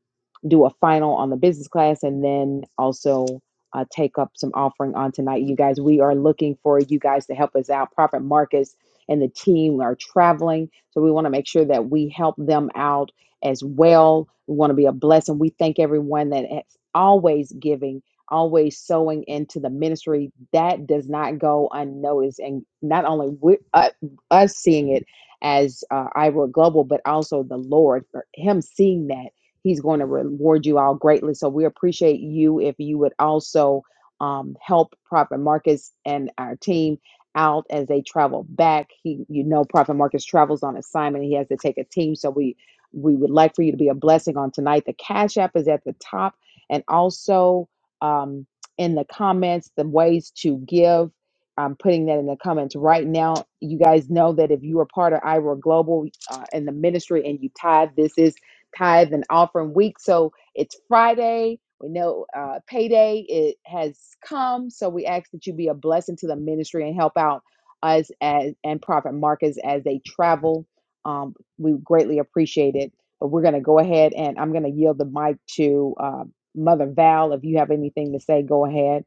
[SPEAKER 1] do a final on the business class and then also uh, take up some offering on tonight you guys we are looking for you guys to help us out prophet marcus and the team are traveling so we want to make sure that we help them out as well. We want to be a blessing. We thank everyone that is always giving, always sowing into the ministry. That does not go unnoticed. And not only we, uh, us seeing it as uh, Iowa Global, but also the Lord, for Him seeing that, He's going to reward you all greatly. So we appreciate you if you would also um, help Prophet Marcus and our team out as they travel back. He, you know, Prophet Marcus travels on assignment. He has to take a team. So we we would like for you to be a blessing on tonight. The Cash App is at the top and also um, in the comments, the ways to give. I'm putting that in the comments right now. You guys know that if you are part of Ira Global uh, in the ministry and you tithe, this is tithe and offering week. So it's Friday. We know uh, payday it has come. So we ask that you be a blessing to the ministry and help out us as and Prophet Marcus as they travel. Um, we greatly appreciate it. But we're going to go ahead and I'm going to yield the mic to uh, Mother Val. If you have anything to say, go ahead.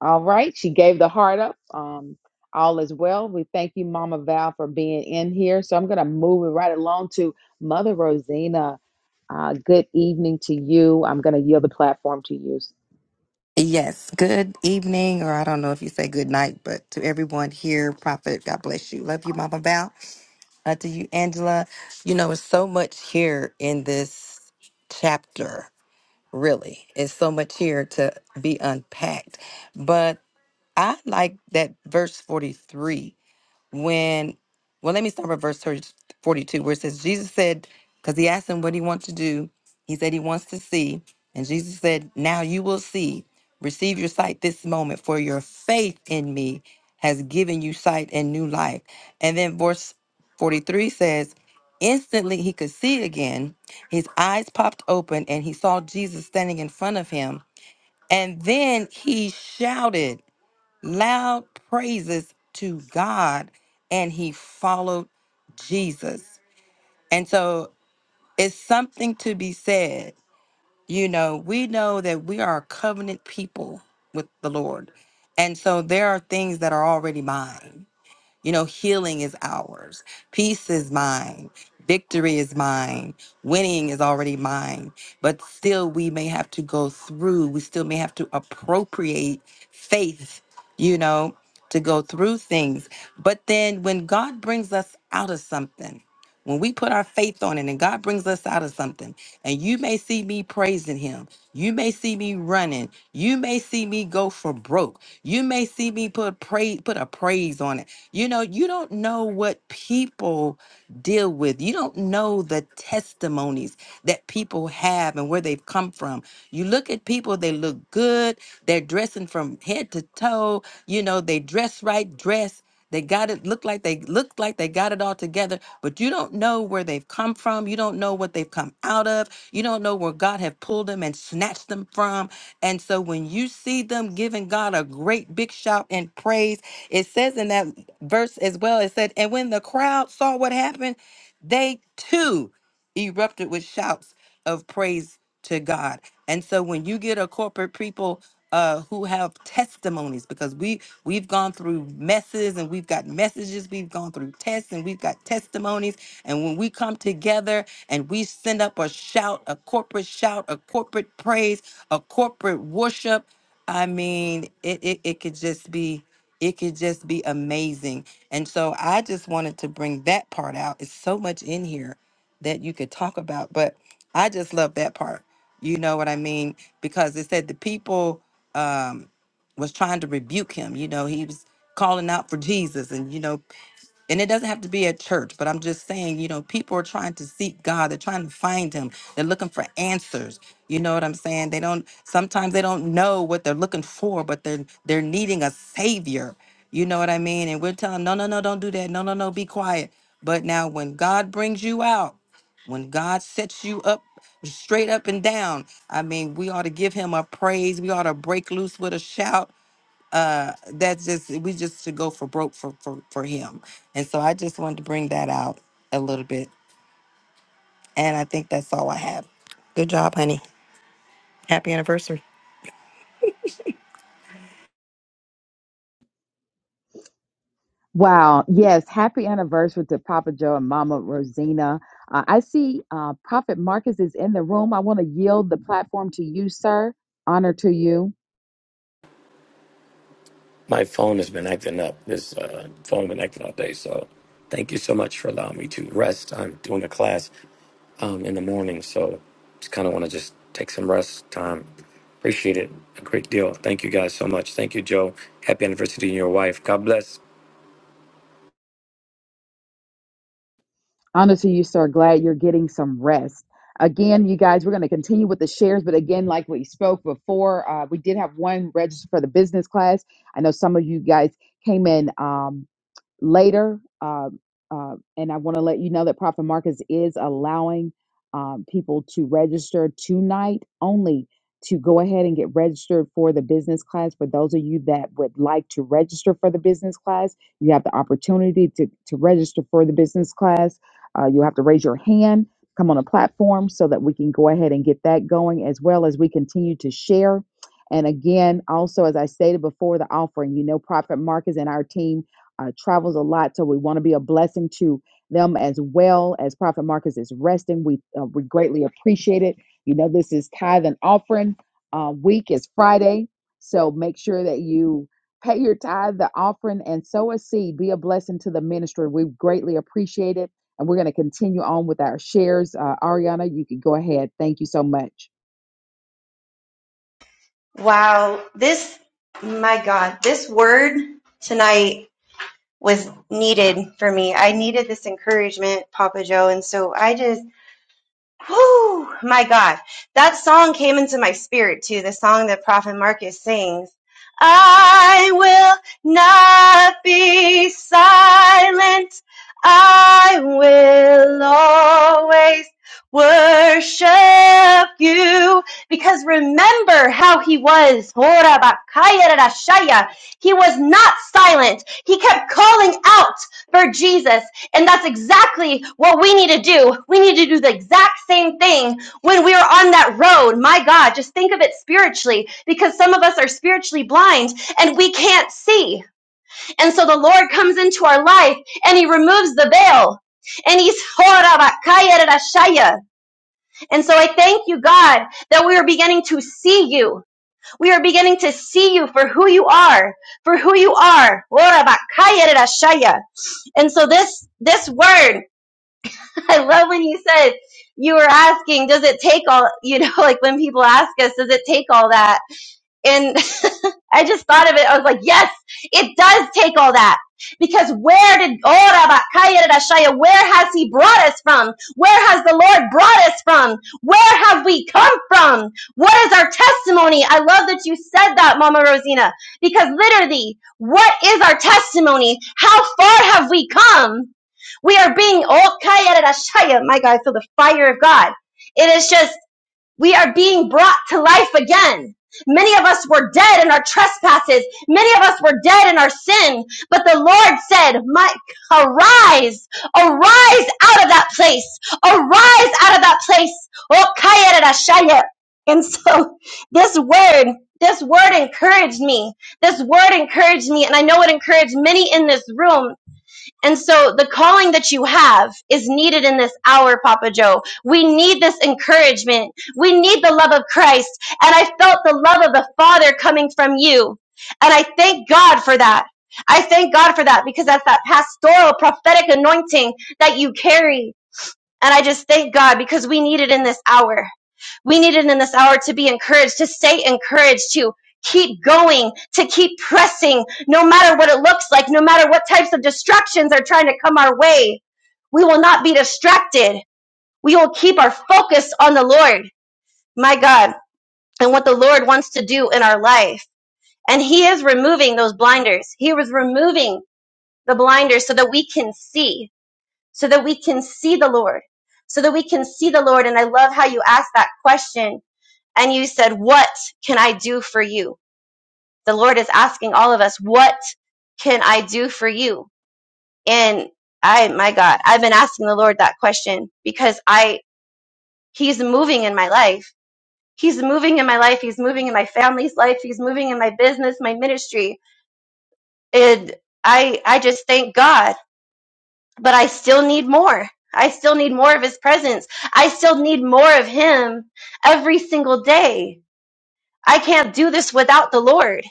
[SPEAKER 1] All right. She gave the heart up. Um, all is well. We thank you, Mama Val, for being in here. So I'm going to move it right along to Mother Rosina. Uh, good evening to you. I'm going to yield the platform to you.
[SPEAKER 4] Yes, good evening, or I don't know if you say good night, but to everyone here, Prophet, God bless you. Love you, Mama Val. Uh, to you, Angela. You know, it's so much here in this chapter, really. It's so much here to be unpacked. But I like that verse 43 when well let me start with verse 30 42 where it says jesus said because he asked him what he wants to do he said he wants to see and jesus said now you will see receive your sight this moment for your faith in me has given you sight and new life and then verse 43 says instantly he could see again his eyes popped open and he saw jesus standing in front of him and then he shouted loud praises to God, and he followed Jesus. And so it's something to be said. You know, we know that we are a covenant people with the Lord. And so there are things that are already mine. You know, healing is ours, peace is mine, victory is mine, winning is already mine. But still, we may have to go through, we still may have to appropriate faith, you know, to go through things. But then when God brings us out of something, when we put our faith on it and God brings us out of something, and you may see me praising him, you may see me running, you may see me go for broke, you may see me put praise put a praise on it. You know, you don't know what people deal with. You don't know the testimonies that people have and where they've come from. You look at people, they look good, they're dressing from head to toe, you know, they dress right, dress. They got it looked like they looked like they got it all together, but you don't know where they've come from. You don't know what they've come out of. You don't know where God have pulled them and snatched them from. And so when you see them giving God a great big shout and praise, it says in that verse as well, it said, and when the crowd saw what happened, they too erupted with shouts of praise to God. And so when you get a corporate people uh, who have testimonies, because we we've gone through messes and we've got messages, we've gone through tests and we've got testimonies. And when we come together and we send up a shout, a corporate shout, a corporate praise, a corporate worship, I mean, it it, it could just be it could just be amazing. And so I just wanted to bring that part out. It's so much in here that you could talk about. But I just love that part. You know what I mean? Because it said the people um was trying to rebuke him. You know, he was calling out for Jesus and you know and it doesn't have to be at church, but I'm just saying, you know, people are trying to seek God. They're trying to find Him. They're looking for answers. You know what I'm saying? They don't. Sometimes they don't know what they're looking for, but they're they're needing a Savior. You know what I mean? And we're telling, 'em, no, no, no, don't do that. No, no, no, be quiet. But now, when God brings you out, when God sets you up straight up and down, I mean, we ought to give Him a praise. We ought to break loose with a shout that's just we just should go for broke for, for for him and so i just wanted to bring that out a little bit and i think that's all i have good job honey happy anniversary
[SPEAKER 1] Wow. Yes. Happy anniversary to Papa Joe and Mama Rosina. Uh, I see uh, Prophet Marcus is in the room. I want to yield the platform to you, sir. Honor to you.
[SPEAKER 5] My phone has been acting up. This uh, phone been acting all day. So thank you so much for allowing me to rest. I'm doing a class um, in the morning, so just kind of want to just take some rest time. Appreciate it a great deal. Thank you guys so much. Thank you, Joe. Happy anniversary to your wife. God bless.
[SPEAKER 1] Honor to you, sir. Glad you're getting some rest. Again, you guys, we're going to continue with the shares, but again, like we spoke before, uh, we did have one register for the business class. I know some of you guys came in. Um, later. Um, uh, and I want to let you know that Prophet Marcus is allowing um, people to register tonight only to go ahead and get registered for the business class. For those of you that would like to register for the business class, you have the opportunity to, to register for the business class. Uh, you have to raise your hand, come on a platform so that we can go ahead and get that going as well as we continue to share. And again, also, as I stated before, the offering, you know, Prophet Marcus and our team uh, travels a lot, so we want to be a blessing to them as well. As Prophet Marcus is resting, we uh, we greatly appreciate it. You know, this is tithe and offering uh, week. is Friday, so make sure that you pay your tithe, the offering, and sow a seed. Be a blessing to the ministry. We greatly appreciate it, and we're going to continue on with our shares. Uh, Ariana, you can go ahead. Thank you so much.
[SPEAKER 6] Wow, this, my God, this word tonight was needed for me. I needed this encouragement, Papa Joe. And so I just Whew, my God. That song came into my spirit too, the song that Prophet Marcus sings. I will not be silent. I will always worship you because remember how he was. He was not silent. He kept calling out for Jesus. And that's exactly what we need to do. We need to do the exact same thing when we are on that road. My God, just think of it spiritually because some of us are spiritually blind and we can't see. And so the Lord comes into our life and he removes the veil. And he's and so I thank you, God, that we are beginning to see you. We are beginning to see you for who you are, for who you are. And so this this word I love when you said you were asking, does it take all, you know, like when people ask us, does it take all that? And I just thought of it. I was like, yes, it does take all that. Because where did, Ora Bakaya Rashaya, where has he brought us from? Where has the Lord brought us from? Where have we come from? What is our testimony? I love that you said that, Mama Rosina, because literally, what is our testimony? How far have we come? We are being oh My God, I feel the fire of God. It is just we are being brought to life again. Many of us were dead in our trespasses. Many of us were dead in our sin. But the Lord said, My arise, arise out of that place. Arise out of that place. Oh And so this word, this word encouraged me. This word encouraged me, and I know it encouraged many in this room and so the calling that you have is needed in this hour, Papa Joe. We need this encouragement. We need the love of Christ. And I felt the love of the Father coming from you. And I thank God for that. I thank God for that because that's that pastoral prophetic anointing that you carry. And I just thank God because we need it in this hour. We need it in this hour to be encouraged, to stay encouraged, to keep going, to keep pressing, no matter what it looks like, no matter what types of distractions are trying to come our way. We will not be distracted. We will keep our focus on the Lord, my God, and what the Lord wants to do in our life. And He is removing those blinders. He was removing the blinders so that we can see, so that we can see the Lord, so that we can see the Lord. And I love how you asked that question and you said, What can I do for you? The Lord is asking all of us, What can I do for you? And I, my God, I've been asking the Lord that question because I, He's moving in my life. He's moving in my life. He's moving in my family's life. He's moving in my business, my ministry. And I, I just thank God, but I still need more. I still need more of His presence. I still need more of Him every single day I can't do this without the Lord.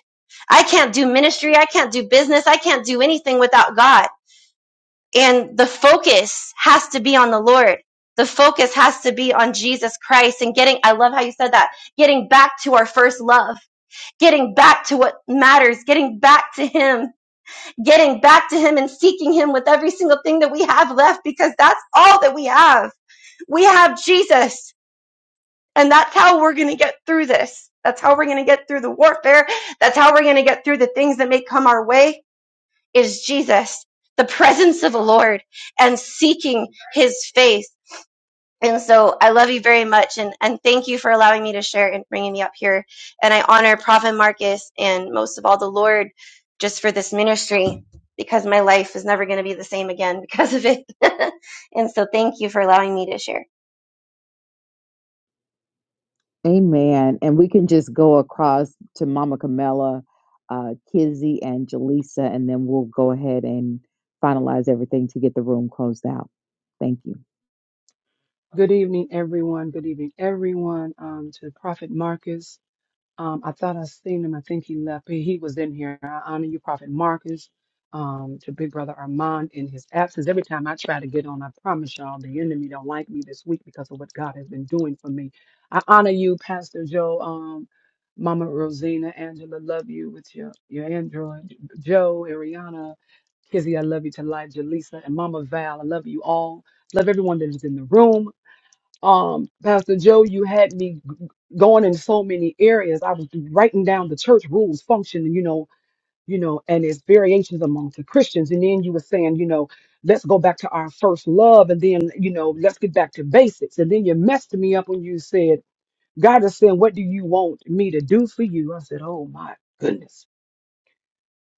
[SPEAKER 6] I can't do ministry. I can't do business. I can't do anything without God. And the focus has to be on the Lord. The focus has to be on Jesus Christ and getting, I love how you said that, getting back to our first love, getting back to what matters, getting back to Him, getting back to Him and seeking Him with every single thing that we have left because that's all that we have. We have Jesus. And that's how we're going to get through this. That's how we're going to get through the warfare. That's how we're going to get through the things that may come our way is Jesus, the presence of the Lord and seeking his face. And so I love you very much and, and thank you for allowing me to share and bringing me up here. And I honor Prophet Marcus and most of all the Lord just for this ministry because my life is never going to be the same again because of it. and so thank you for allowing me to share.
[SPEAKER 1] Amen. And we can just go across to Mama Camilla, uh, Kizzy, and Jaleesa, and then we'll go ahead and finalize everything to get the room closed out. Thank you.
[SPEAKER 7] Good evening, everyone. Good evening, everyone. Um, to Prophet Marcus. Um, I thought I seen him. I think he left. He, he was in here. I honor you, Prophet Marcus. Um, to Big Brother Armand in his absence. Every time I try to get on, I promise y'all the enemy don't like me this week because of what God has been doing for me. I honor you, Pastor Joe. Um, Mama Rosina, Angela, love you with your your Android. Joe, Ariana, Kizzy, I love you to life. Jaleesa and Mama Val, I love you all. Love everyone that is in the room um, Pastor Joe, you had me g- going in so many areas. I was writing down the church rules, function, you know, you know, and its variations among the Christians. And then you were saying, you know, let's go back to our first love, and then you know, let's get back to basics. And then you messed me up when you said, God is saying, what do you want me to do for you? I said, oh my goodness.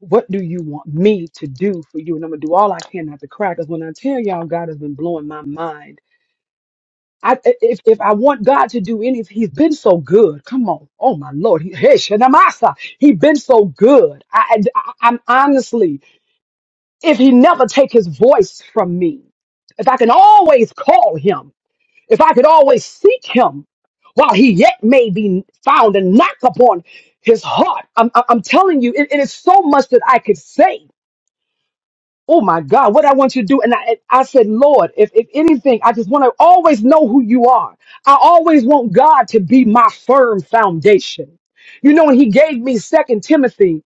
[SPEAKER 7] What do you want me to do for you? And I'm gonna do all I can not to cry. Because when I tell y'all, God has been blowing my mind I, if, if I want God to do anything, He's been so good. Come on. Oh, my Lord. He, hey, Shanamasa. He's been so good. I, I, I'm honestly, if He never take His voice from me, if I can always call Him, if I could always seek Him while He yet may be found and knock upon His heart, I'm, I'm I'm telling you, it it is so much that I could say oh my God, what I want you to do. And I, and I said, Lord, if, if anything, I just want to always know who you are. I always want God to be my firm foundation. You know, and he gave me Second Timothy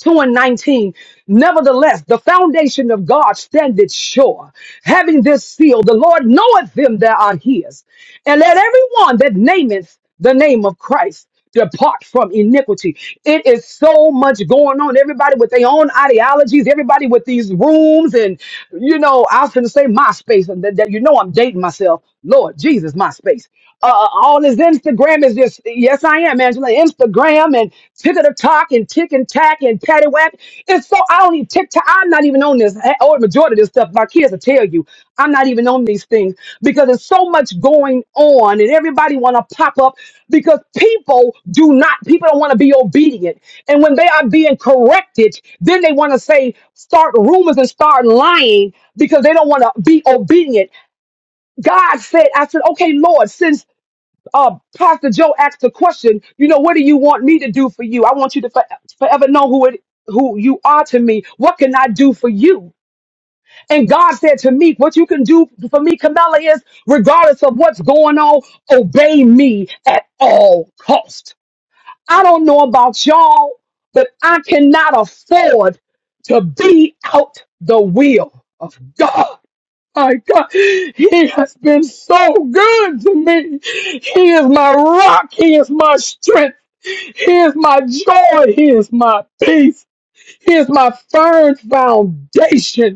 [SPEAKER 7] 2 and 19. Nevertheless, the foundation of God standeth sure, having this seal, the Lord knoweth them that are his. And let everyone that nameth the name of Christ depart from iniquity. It is so much going on. Everybody with their own ideologies, everybody with these rooms, and you know, I was going to say MySpace, and that, that you know I'm dating myself. Lord Jesus, my space. Uh, uh, all this Instagram is just, yes, I am, Angela. Instagram and tick of the talk and tick and tack and patty whack. It's so, I don't even TikTok. I'm not even on this. eh, Or the majority of this stuff, my kids will tell you, I'm not even on these things because there's so much going on and everybody want to pop up because people do not, people don't want to be obedient. And when they are being corrected, then they want to say, start rumors and start lying because they don't want to be obedient God said, I said, okay, Lord, since uh, Pastor Joe asked the question, you know, what do you want me to do for you? I want you to for- forever know who it, who you are to me. What can I do for you? And God said to me, what you can do for me, Camilla, is regardless of what's going on, obey me at all cost. I don't know about y'all, but I cannot afford to be out the will of God my God, He has been so good to me. He is my rock. He is my strength. He is my joy. He is my peace. He is my firm foundation.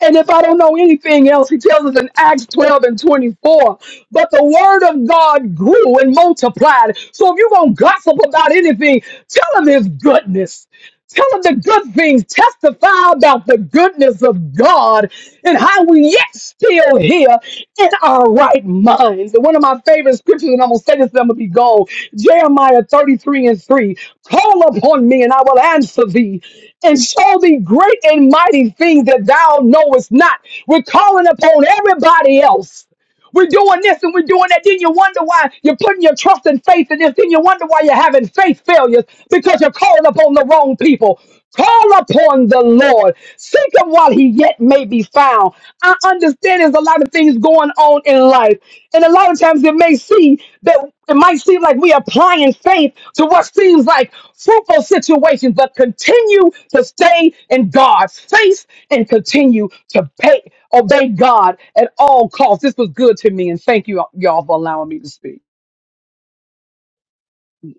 [SPEAKER 7] And if I don't know anything else, he tells us in Acts 12 and 24, but the word of God grew and multiplied. So if you're going to gossip about anything, tell him his goodness. Tell him the good things. Testify about the goodness of God and how we yet still here in our right minds. And one of my favorite scriptures, and I'm gonna say this, and I'm gonna be gone. Jeremiah 33 and 3. Call upon me, and I will answer thee, and show thee great and mighty things that thou knowest not. We're calling upon everybody else. We're doing this and we're doing that. Then you wonder why you're putting your trust and faith in this. Then you wonder why you're having faith failures because you're calling upon the wrong people. Call upon the Lord. Seek him while he yet may be found. I understand there's a lot of things going on in life. And a lot of times it may seem that it might seem like we're applying faith to what seems like fruitful situations, but continue to stay in God's face and continue to pay, obey God at all costs. This was good to me, and thank you y'all for allowing me to speak.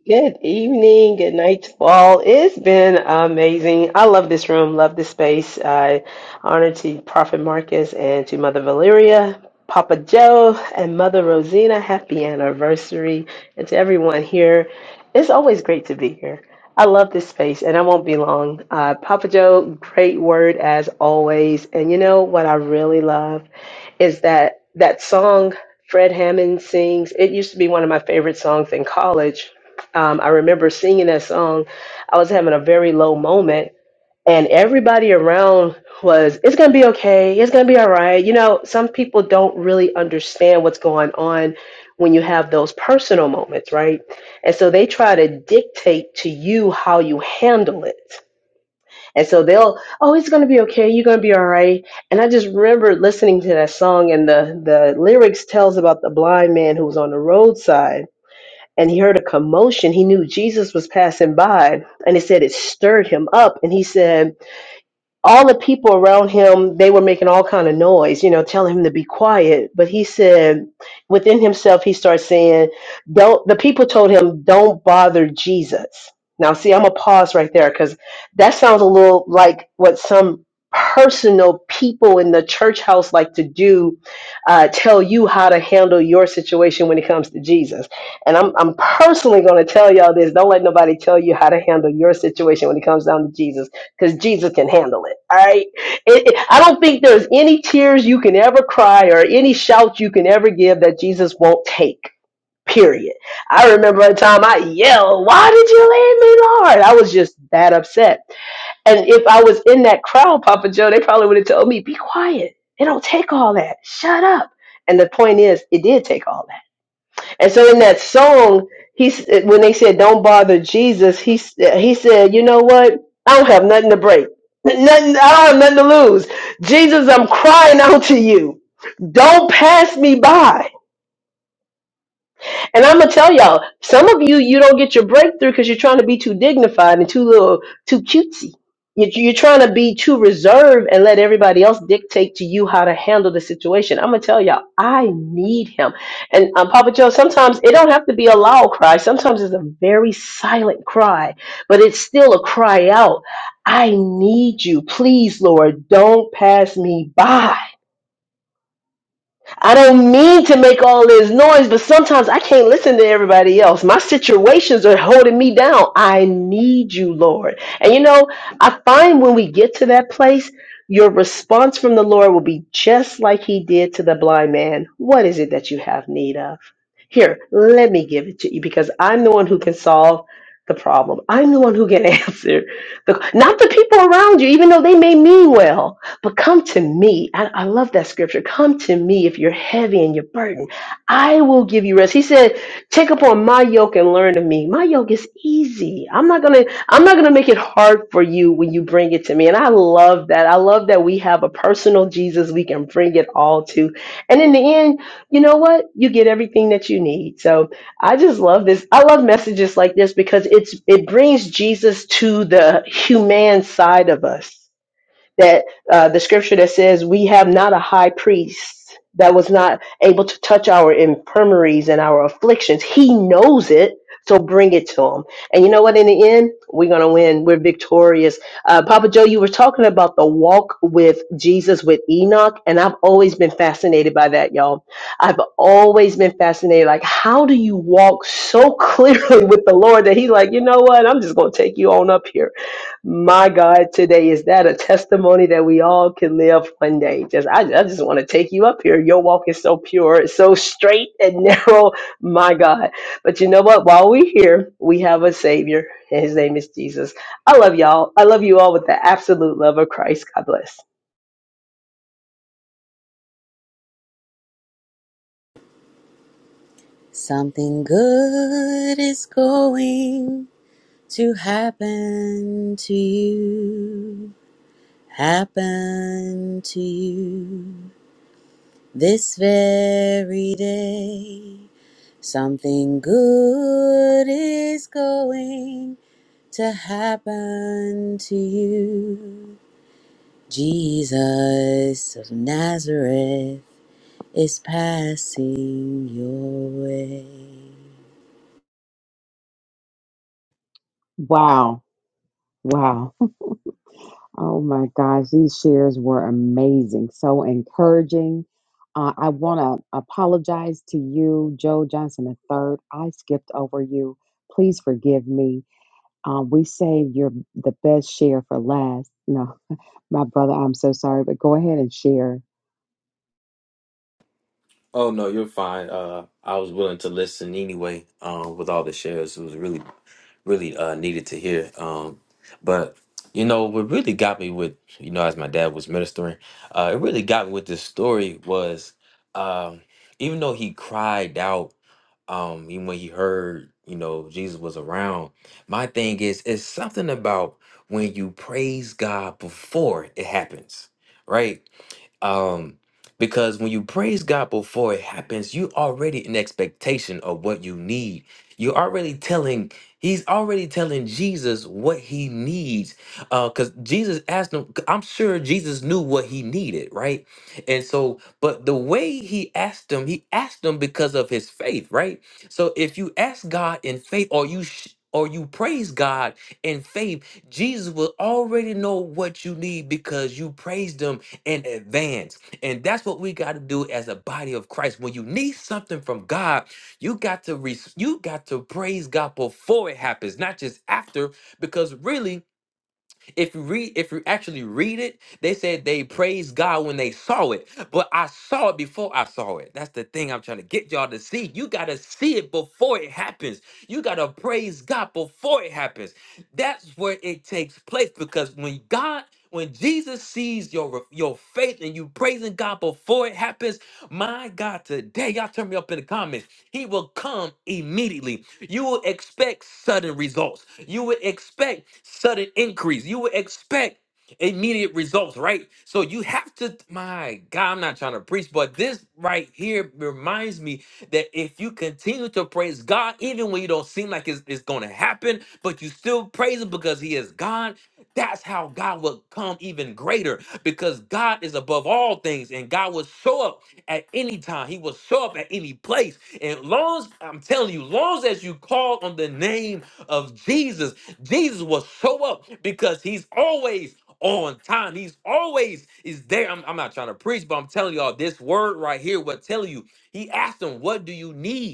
[SPEAKER 8] Good evening, good night to all. It's been amazing. I love this room, love this space. I honor to Prophet Marcus and to Mother Valeria, Papa Joe, and Mother Rosina. Happy anniversary. And to everyone here, it's always great to be here. I love this space and I won't be long. Uh, Papa Joe, great word as always. And you know what I really love is that that song Fred Hammond sings. It used to be one of my favorite songs in college um, I remember singing that song. I was having a very low moment, and everybody around was, it's going to be okay. It's going to be all right. You know, some people don't really understand what's going on when you have those personal moments, right? And so they try to dictate to you how you handle it. And so they'll, oh, it's gonna be okay. You're gonna be all right. And I just remember listening to that song, and the the lyrics tells about the blind man who was on the roadside, and he heard a commotion. He knew Jesus was passing by, and he said it stirred him up. And he said, all the people around him they were making all kind of noise you know telling him to be quiet but he said within himself he starts saying don't the people told him don't bother jesus now see i'm gonna pause right there because that sounds a little like what some personal people in the church house like to do uh, tell you how to handle your situation when it comes to jesus and i'm, I'm personally going to tell y'all this don't let nobody tell you how to handle your situation when it comes down to jesus because Jesus can handle it. All right. It, it- I don't think there's any tears you can ever cry or any shout you can ever give that Jesus won't take. Period. I remember a time I yelled, "Why did you leave me, Lord?" I was just that upset. And if I was in that crowd, Papa Joe, they probably would have told me, "Be quiet. It don't take all that. Shut up." And the point is, it did take all that and so in that song, he's when they said "Don't bother Jesus," he s- he said, "You know what? I don't have nothing to break. Nothing. I don't have nothing to lose. Jesus, I'm crying out to you. Don't pass me by." And I'm gonna tell y'all, some of you you don't get your breakthrough because you're trying to be too dignified and too little, too cutesy. You- You're trying to be too reserved and let everybody else dictate to you how to handle the situation. I'm gonna tell y'all, I need him. And um, Papa Joe, sometimes it don't have to be a loud cry. Sometimes it's a very silent cry, but it's still a cry out. I need you, please, Lord. Don't pass me by. I don't mean to make all this noise, but sometimes I can't listen to everybody else. My situations are holding me down. I need you, Lord. And you know, I find when we get to that place, your response from the Lord will be just like he did to the blind man. What is it that you have need of? Here, let me give it to you because I'm the one who can solve the problem. I'm the one who can answer the not the people around you, even though they may mean well. But come to me. I, I love that scripture. Come to me if you're heavy and you're burdened. I will give you rest. He said, take upon my yoke and learn of me. My yoke is easy. I'm not gonna, I'm not gonna make it hard for you when you bring it to me. And I love that. I love that we have a personal Jesus we can bring it all to. And in the end, you know what? You get everything that you need. So I just love this. I love messages like this because it's it brings Jesus to the human side of us that uh, the scripture that says we have not a high priest that was not able to touch our infirmaries and our afflictions. He knows it, so bring it to him. And you know what? In the end, we're gonna win. We're victorious. Uh, Papa Joe, you were talking about the walk with Jesus with Enoch, and I've always been fascinated by that, y'all. I've always been fascinated. Like, how do you walk so clearly with the Lord that He's like, you know what? I'm just gonna take you on up here my God, today is that a testimony that we all can live one day? Just I, I just want to take you up here. Your walk is so pure, it's so straight and narrow. My God. But you know what? While we're here, we have a Savior, and his name is Jesus. I love y'all. I love you all with the absolute love of Christ. God bless.
[SPEAKER 9] Something good is going to happen to you, happen to you this very day. Something good is going to happen to you. Jesus of Nazareth is passing your way.
[SPEAKER 1] Wow. Wow. Oh my gosh. These shares were amazing. So encouraging. Uh, I want to apologize to you, Joe Johnson III. I skipped over you. Please forgive me. Uh, we saved your the best share for last. No. My brother, I'm so sorry, but go ahead and share.
[SPEAKER 2] Oh no, you're fine. Uh, I was willing to listen anyway. Um, with all the shares, it was really really uh, needed to hear. Um, but you know, what really got me with you know, as my dad was ministering, uh, it really got me with this story was um, even though he cried out, um, even when he heard you know Jesus was around. My thing is, it's something about when you praise God before it happens, right? Um, because when you praise God before it happens, you already in expectation of what you need. You're already telling, he's already telling Jesus what he needs. Uh, because Jesus asked him, I'm sure Jesus knew what he needed, right? And so, but the way he asked him, he asked him because of his faith, right? So if you ask God in faith or you sh- or you praise God in faith, Jesus will already know what you need because you praised him and advance. And that's what we got to do as a body of Christ. When you need something from God, you got to re- you got to praise God before it happens, not just after, because really if you read, if you actually read it, they said they praised God when they saw it. But I saw it before I saw it. That's the thing I'm trying to get y'all to see. You gotta see it before it happens. You gotta praise God before it happens. That's where it takes place because when God when Jesus sees your your faith and you praising God before it happens, my God, today y'all turn me up in the comments. He will come immediately. You will expect sudden results. You would expect sudden increase. You would expect immediate results, right? So you have to, my God, I'm not trying to preach, but this right here reminds me that if you continue to praise God, even when you don't seem like it's, it's going to happen, but you still praise Him because He is God, that's how God will come even greater because God is above all things and God will show up at any time. He will show up at any place. And long, as- I'm telling you, long as you call on the name of Jesus, Jesus will show up because he's always on time. He's always is there. I'm, I'm not trying to preach, but I'm telling y'all this word right here will tell you. He asked him, "What do you need?"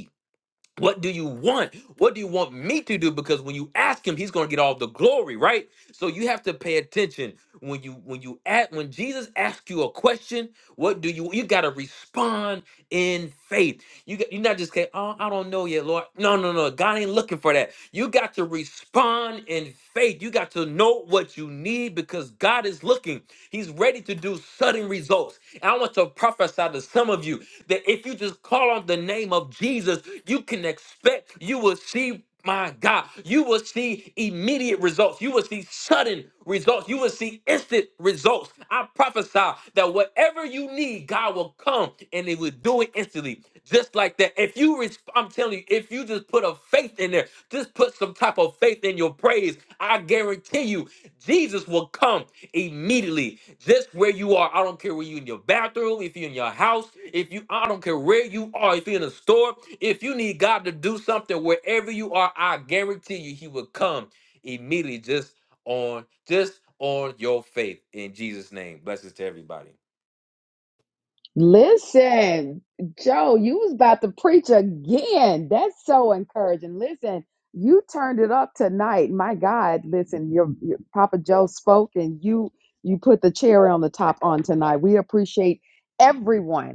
[SPEAKER 2] What do you want? What do you want me to do? Because when you ask him, he's going to get all the glory, right? So you have to pay attention when you when you ask when Jesus asks you a question. What do you you got to respond in faith? You got, you're not just saying, "Oh, I don't know yet, Lord." No, no, no. God ain't looking for that. You got to respond in faith. You got to know what you need because God is looking. He's ready to do sudden results. And I want to prophesy to some of you that if you just call on the name of Jesus, you can expect you will see. My God, you will see immediate results. You will see sudden results. You will see instant results. I prophesy that whatever you need, God will come and He will do it instantly. Just like that. If you, res- I'm telling you, if you just put a faith in there, just put some type of faith in your praise, I guarantee you, Jesus will come immediately. Just where you are. I don't care where you in your bathroom, if you're in your house, if you I don't care where you are, if you're in a store, if you need God to do something wherever you are, I guarantee you he will come immediately just on just on your faith in Jesus' name. Blessings to everybody.
[SPEAKER 1] Listen, Joe, you was about to preach again. That's so encouraging. Listen, you turned it up tonight. My God, listen, your, your Papa Joe spoke and you you put the cherry on the top on tonight. We appreciate everyone.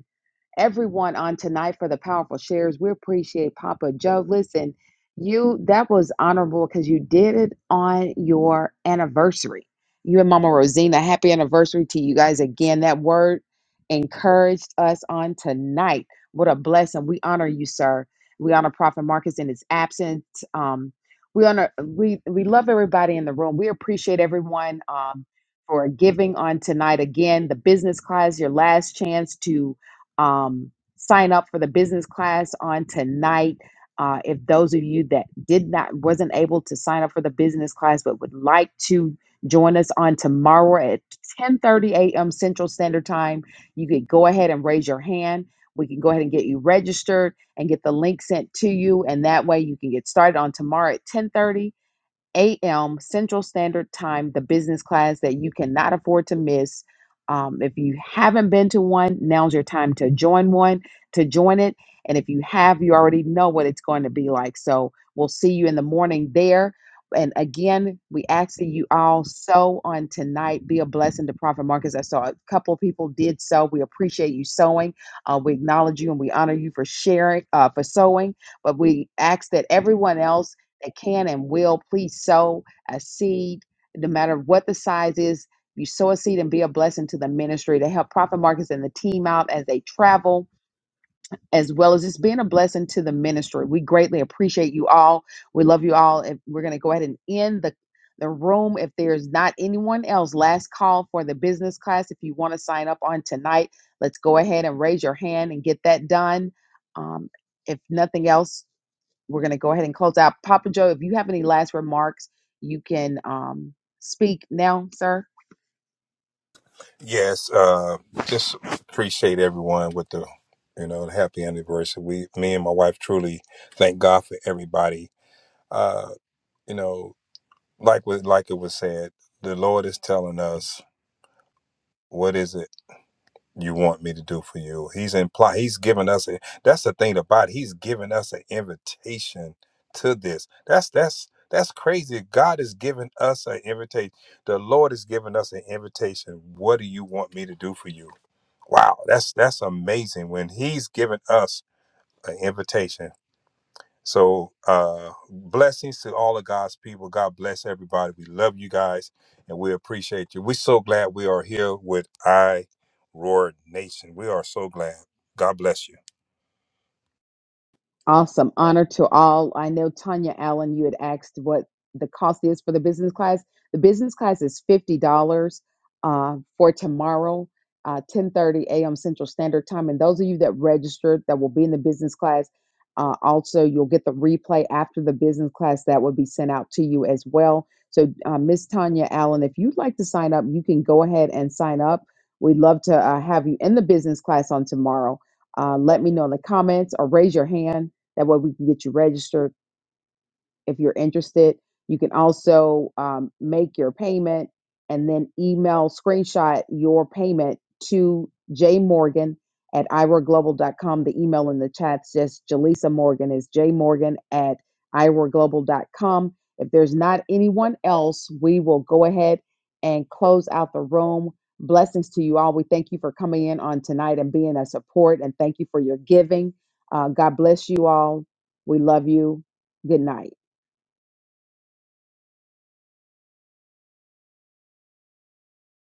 [SPEAKER 1] everyone on tonight for the powerful shares. We appreciate Papa Joe. Listen, you that was honorable because you did it on your anniversary. You and Mama Rosina, happy anniversary to you guys again. That word encouraged us on tonight. What a blessing. We honor you, sir. We honor Prophet Marcus in his absence. Um, we honor we we love everybody in the room. We appreciate everyone um, for giving on tonight. Again, the business class, your last chance to um, sign up for the business class on tonight. Uh, if those of you that did not wasn't able to sign up for the business class but would like to join us on tomorrow at 10:30 a.m. Central Standard Time, you could go ahead and raise your hand. We can go ahead and get you registered and get the link sent to you, and that way you can get started on tomorrow at 10:30 a.m. Central Standard Time, the business class that you cannot afford to miss. Um, if you haven't been to one, now's your time to join one, to join it. And if you have, you already know what it's going to be like. So we'll see you in the morning there. And again, we ask that you all sow on tonight. Be a blessing to Prophet Marcus. I saw a couple of people did so. We appreciate you sowing. Uh, we acknowledge you and we honor you for sharing, uh, for sowing. But we ask that everyone else that can and will please sow a seed, no matter what the size is. You sow a seed and be a blessing to the ministry to help Prophet Marcus and the team out as they travel as well as just being a blessing to the ministry. We greatly appreciate you all. We love you all. And we're going to go ahead and end the the room. If there's not anyone else, last call for the business class. If you want to sign up on tonight, let's go ahead and raise your hand and get that done. Um, if nothing else, we're going to go ahead and close out. Papa Joe, if you have any last remarks, you can um, speak now, sir.
[SPEAKER 3] Yes, uh, just appreciate everyone with the, you know, the happy anniversary. We, me and my wife, truly thank God for everybody. Uh, you know, like was like it was said, the Lord is telling us what is it you want me to do for you. He's imply He's giving us a. That's the thing about it. He's giving us an invitation to this. That's that's that's crazy. God is giving us an invitation. The Lord is giving us an invitation. What do you want me to do for you? Wow, that's that's amazing when he's given us an invitation. So uh blessings to all of God's people. God bless everybody. We love you guys and we appreciate you. We're so glad we are here with I Roar Nation. We are so glad. God bless you.
[SPEAKER 1] Awesome. Honor to all. I know Tanya Allen, you had asked what the cost is for the business class. The business class is $50 uh, for tomorrow, uh, 10.30 a.m. Central Standard Time. And those of you that registered that will be in the business class, uh, also you'll get the replay after the business class that will be sent out to you as well. So uh, Miss Tanya Allen, if you'd like to sign up, you can go ahead and sign up. We'd love to uh, have you in the business class on tomorrow. Uh, let me know in the comments or raise your hand that way we can get you registered if you're interested. You can also um, make your payment and then email screenshot your payment to J Morgan at iraglobal.com. The email in the chat says Jaleesa Morgan is jmorgan at iraglobal.com. If there's not anyone else, we will go ahead and close out the room. Blessings to you all. We thank you for coming in on tonight and being a support, and thank you for your giving. Uh, God bless you all. We love you. Good night.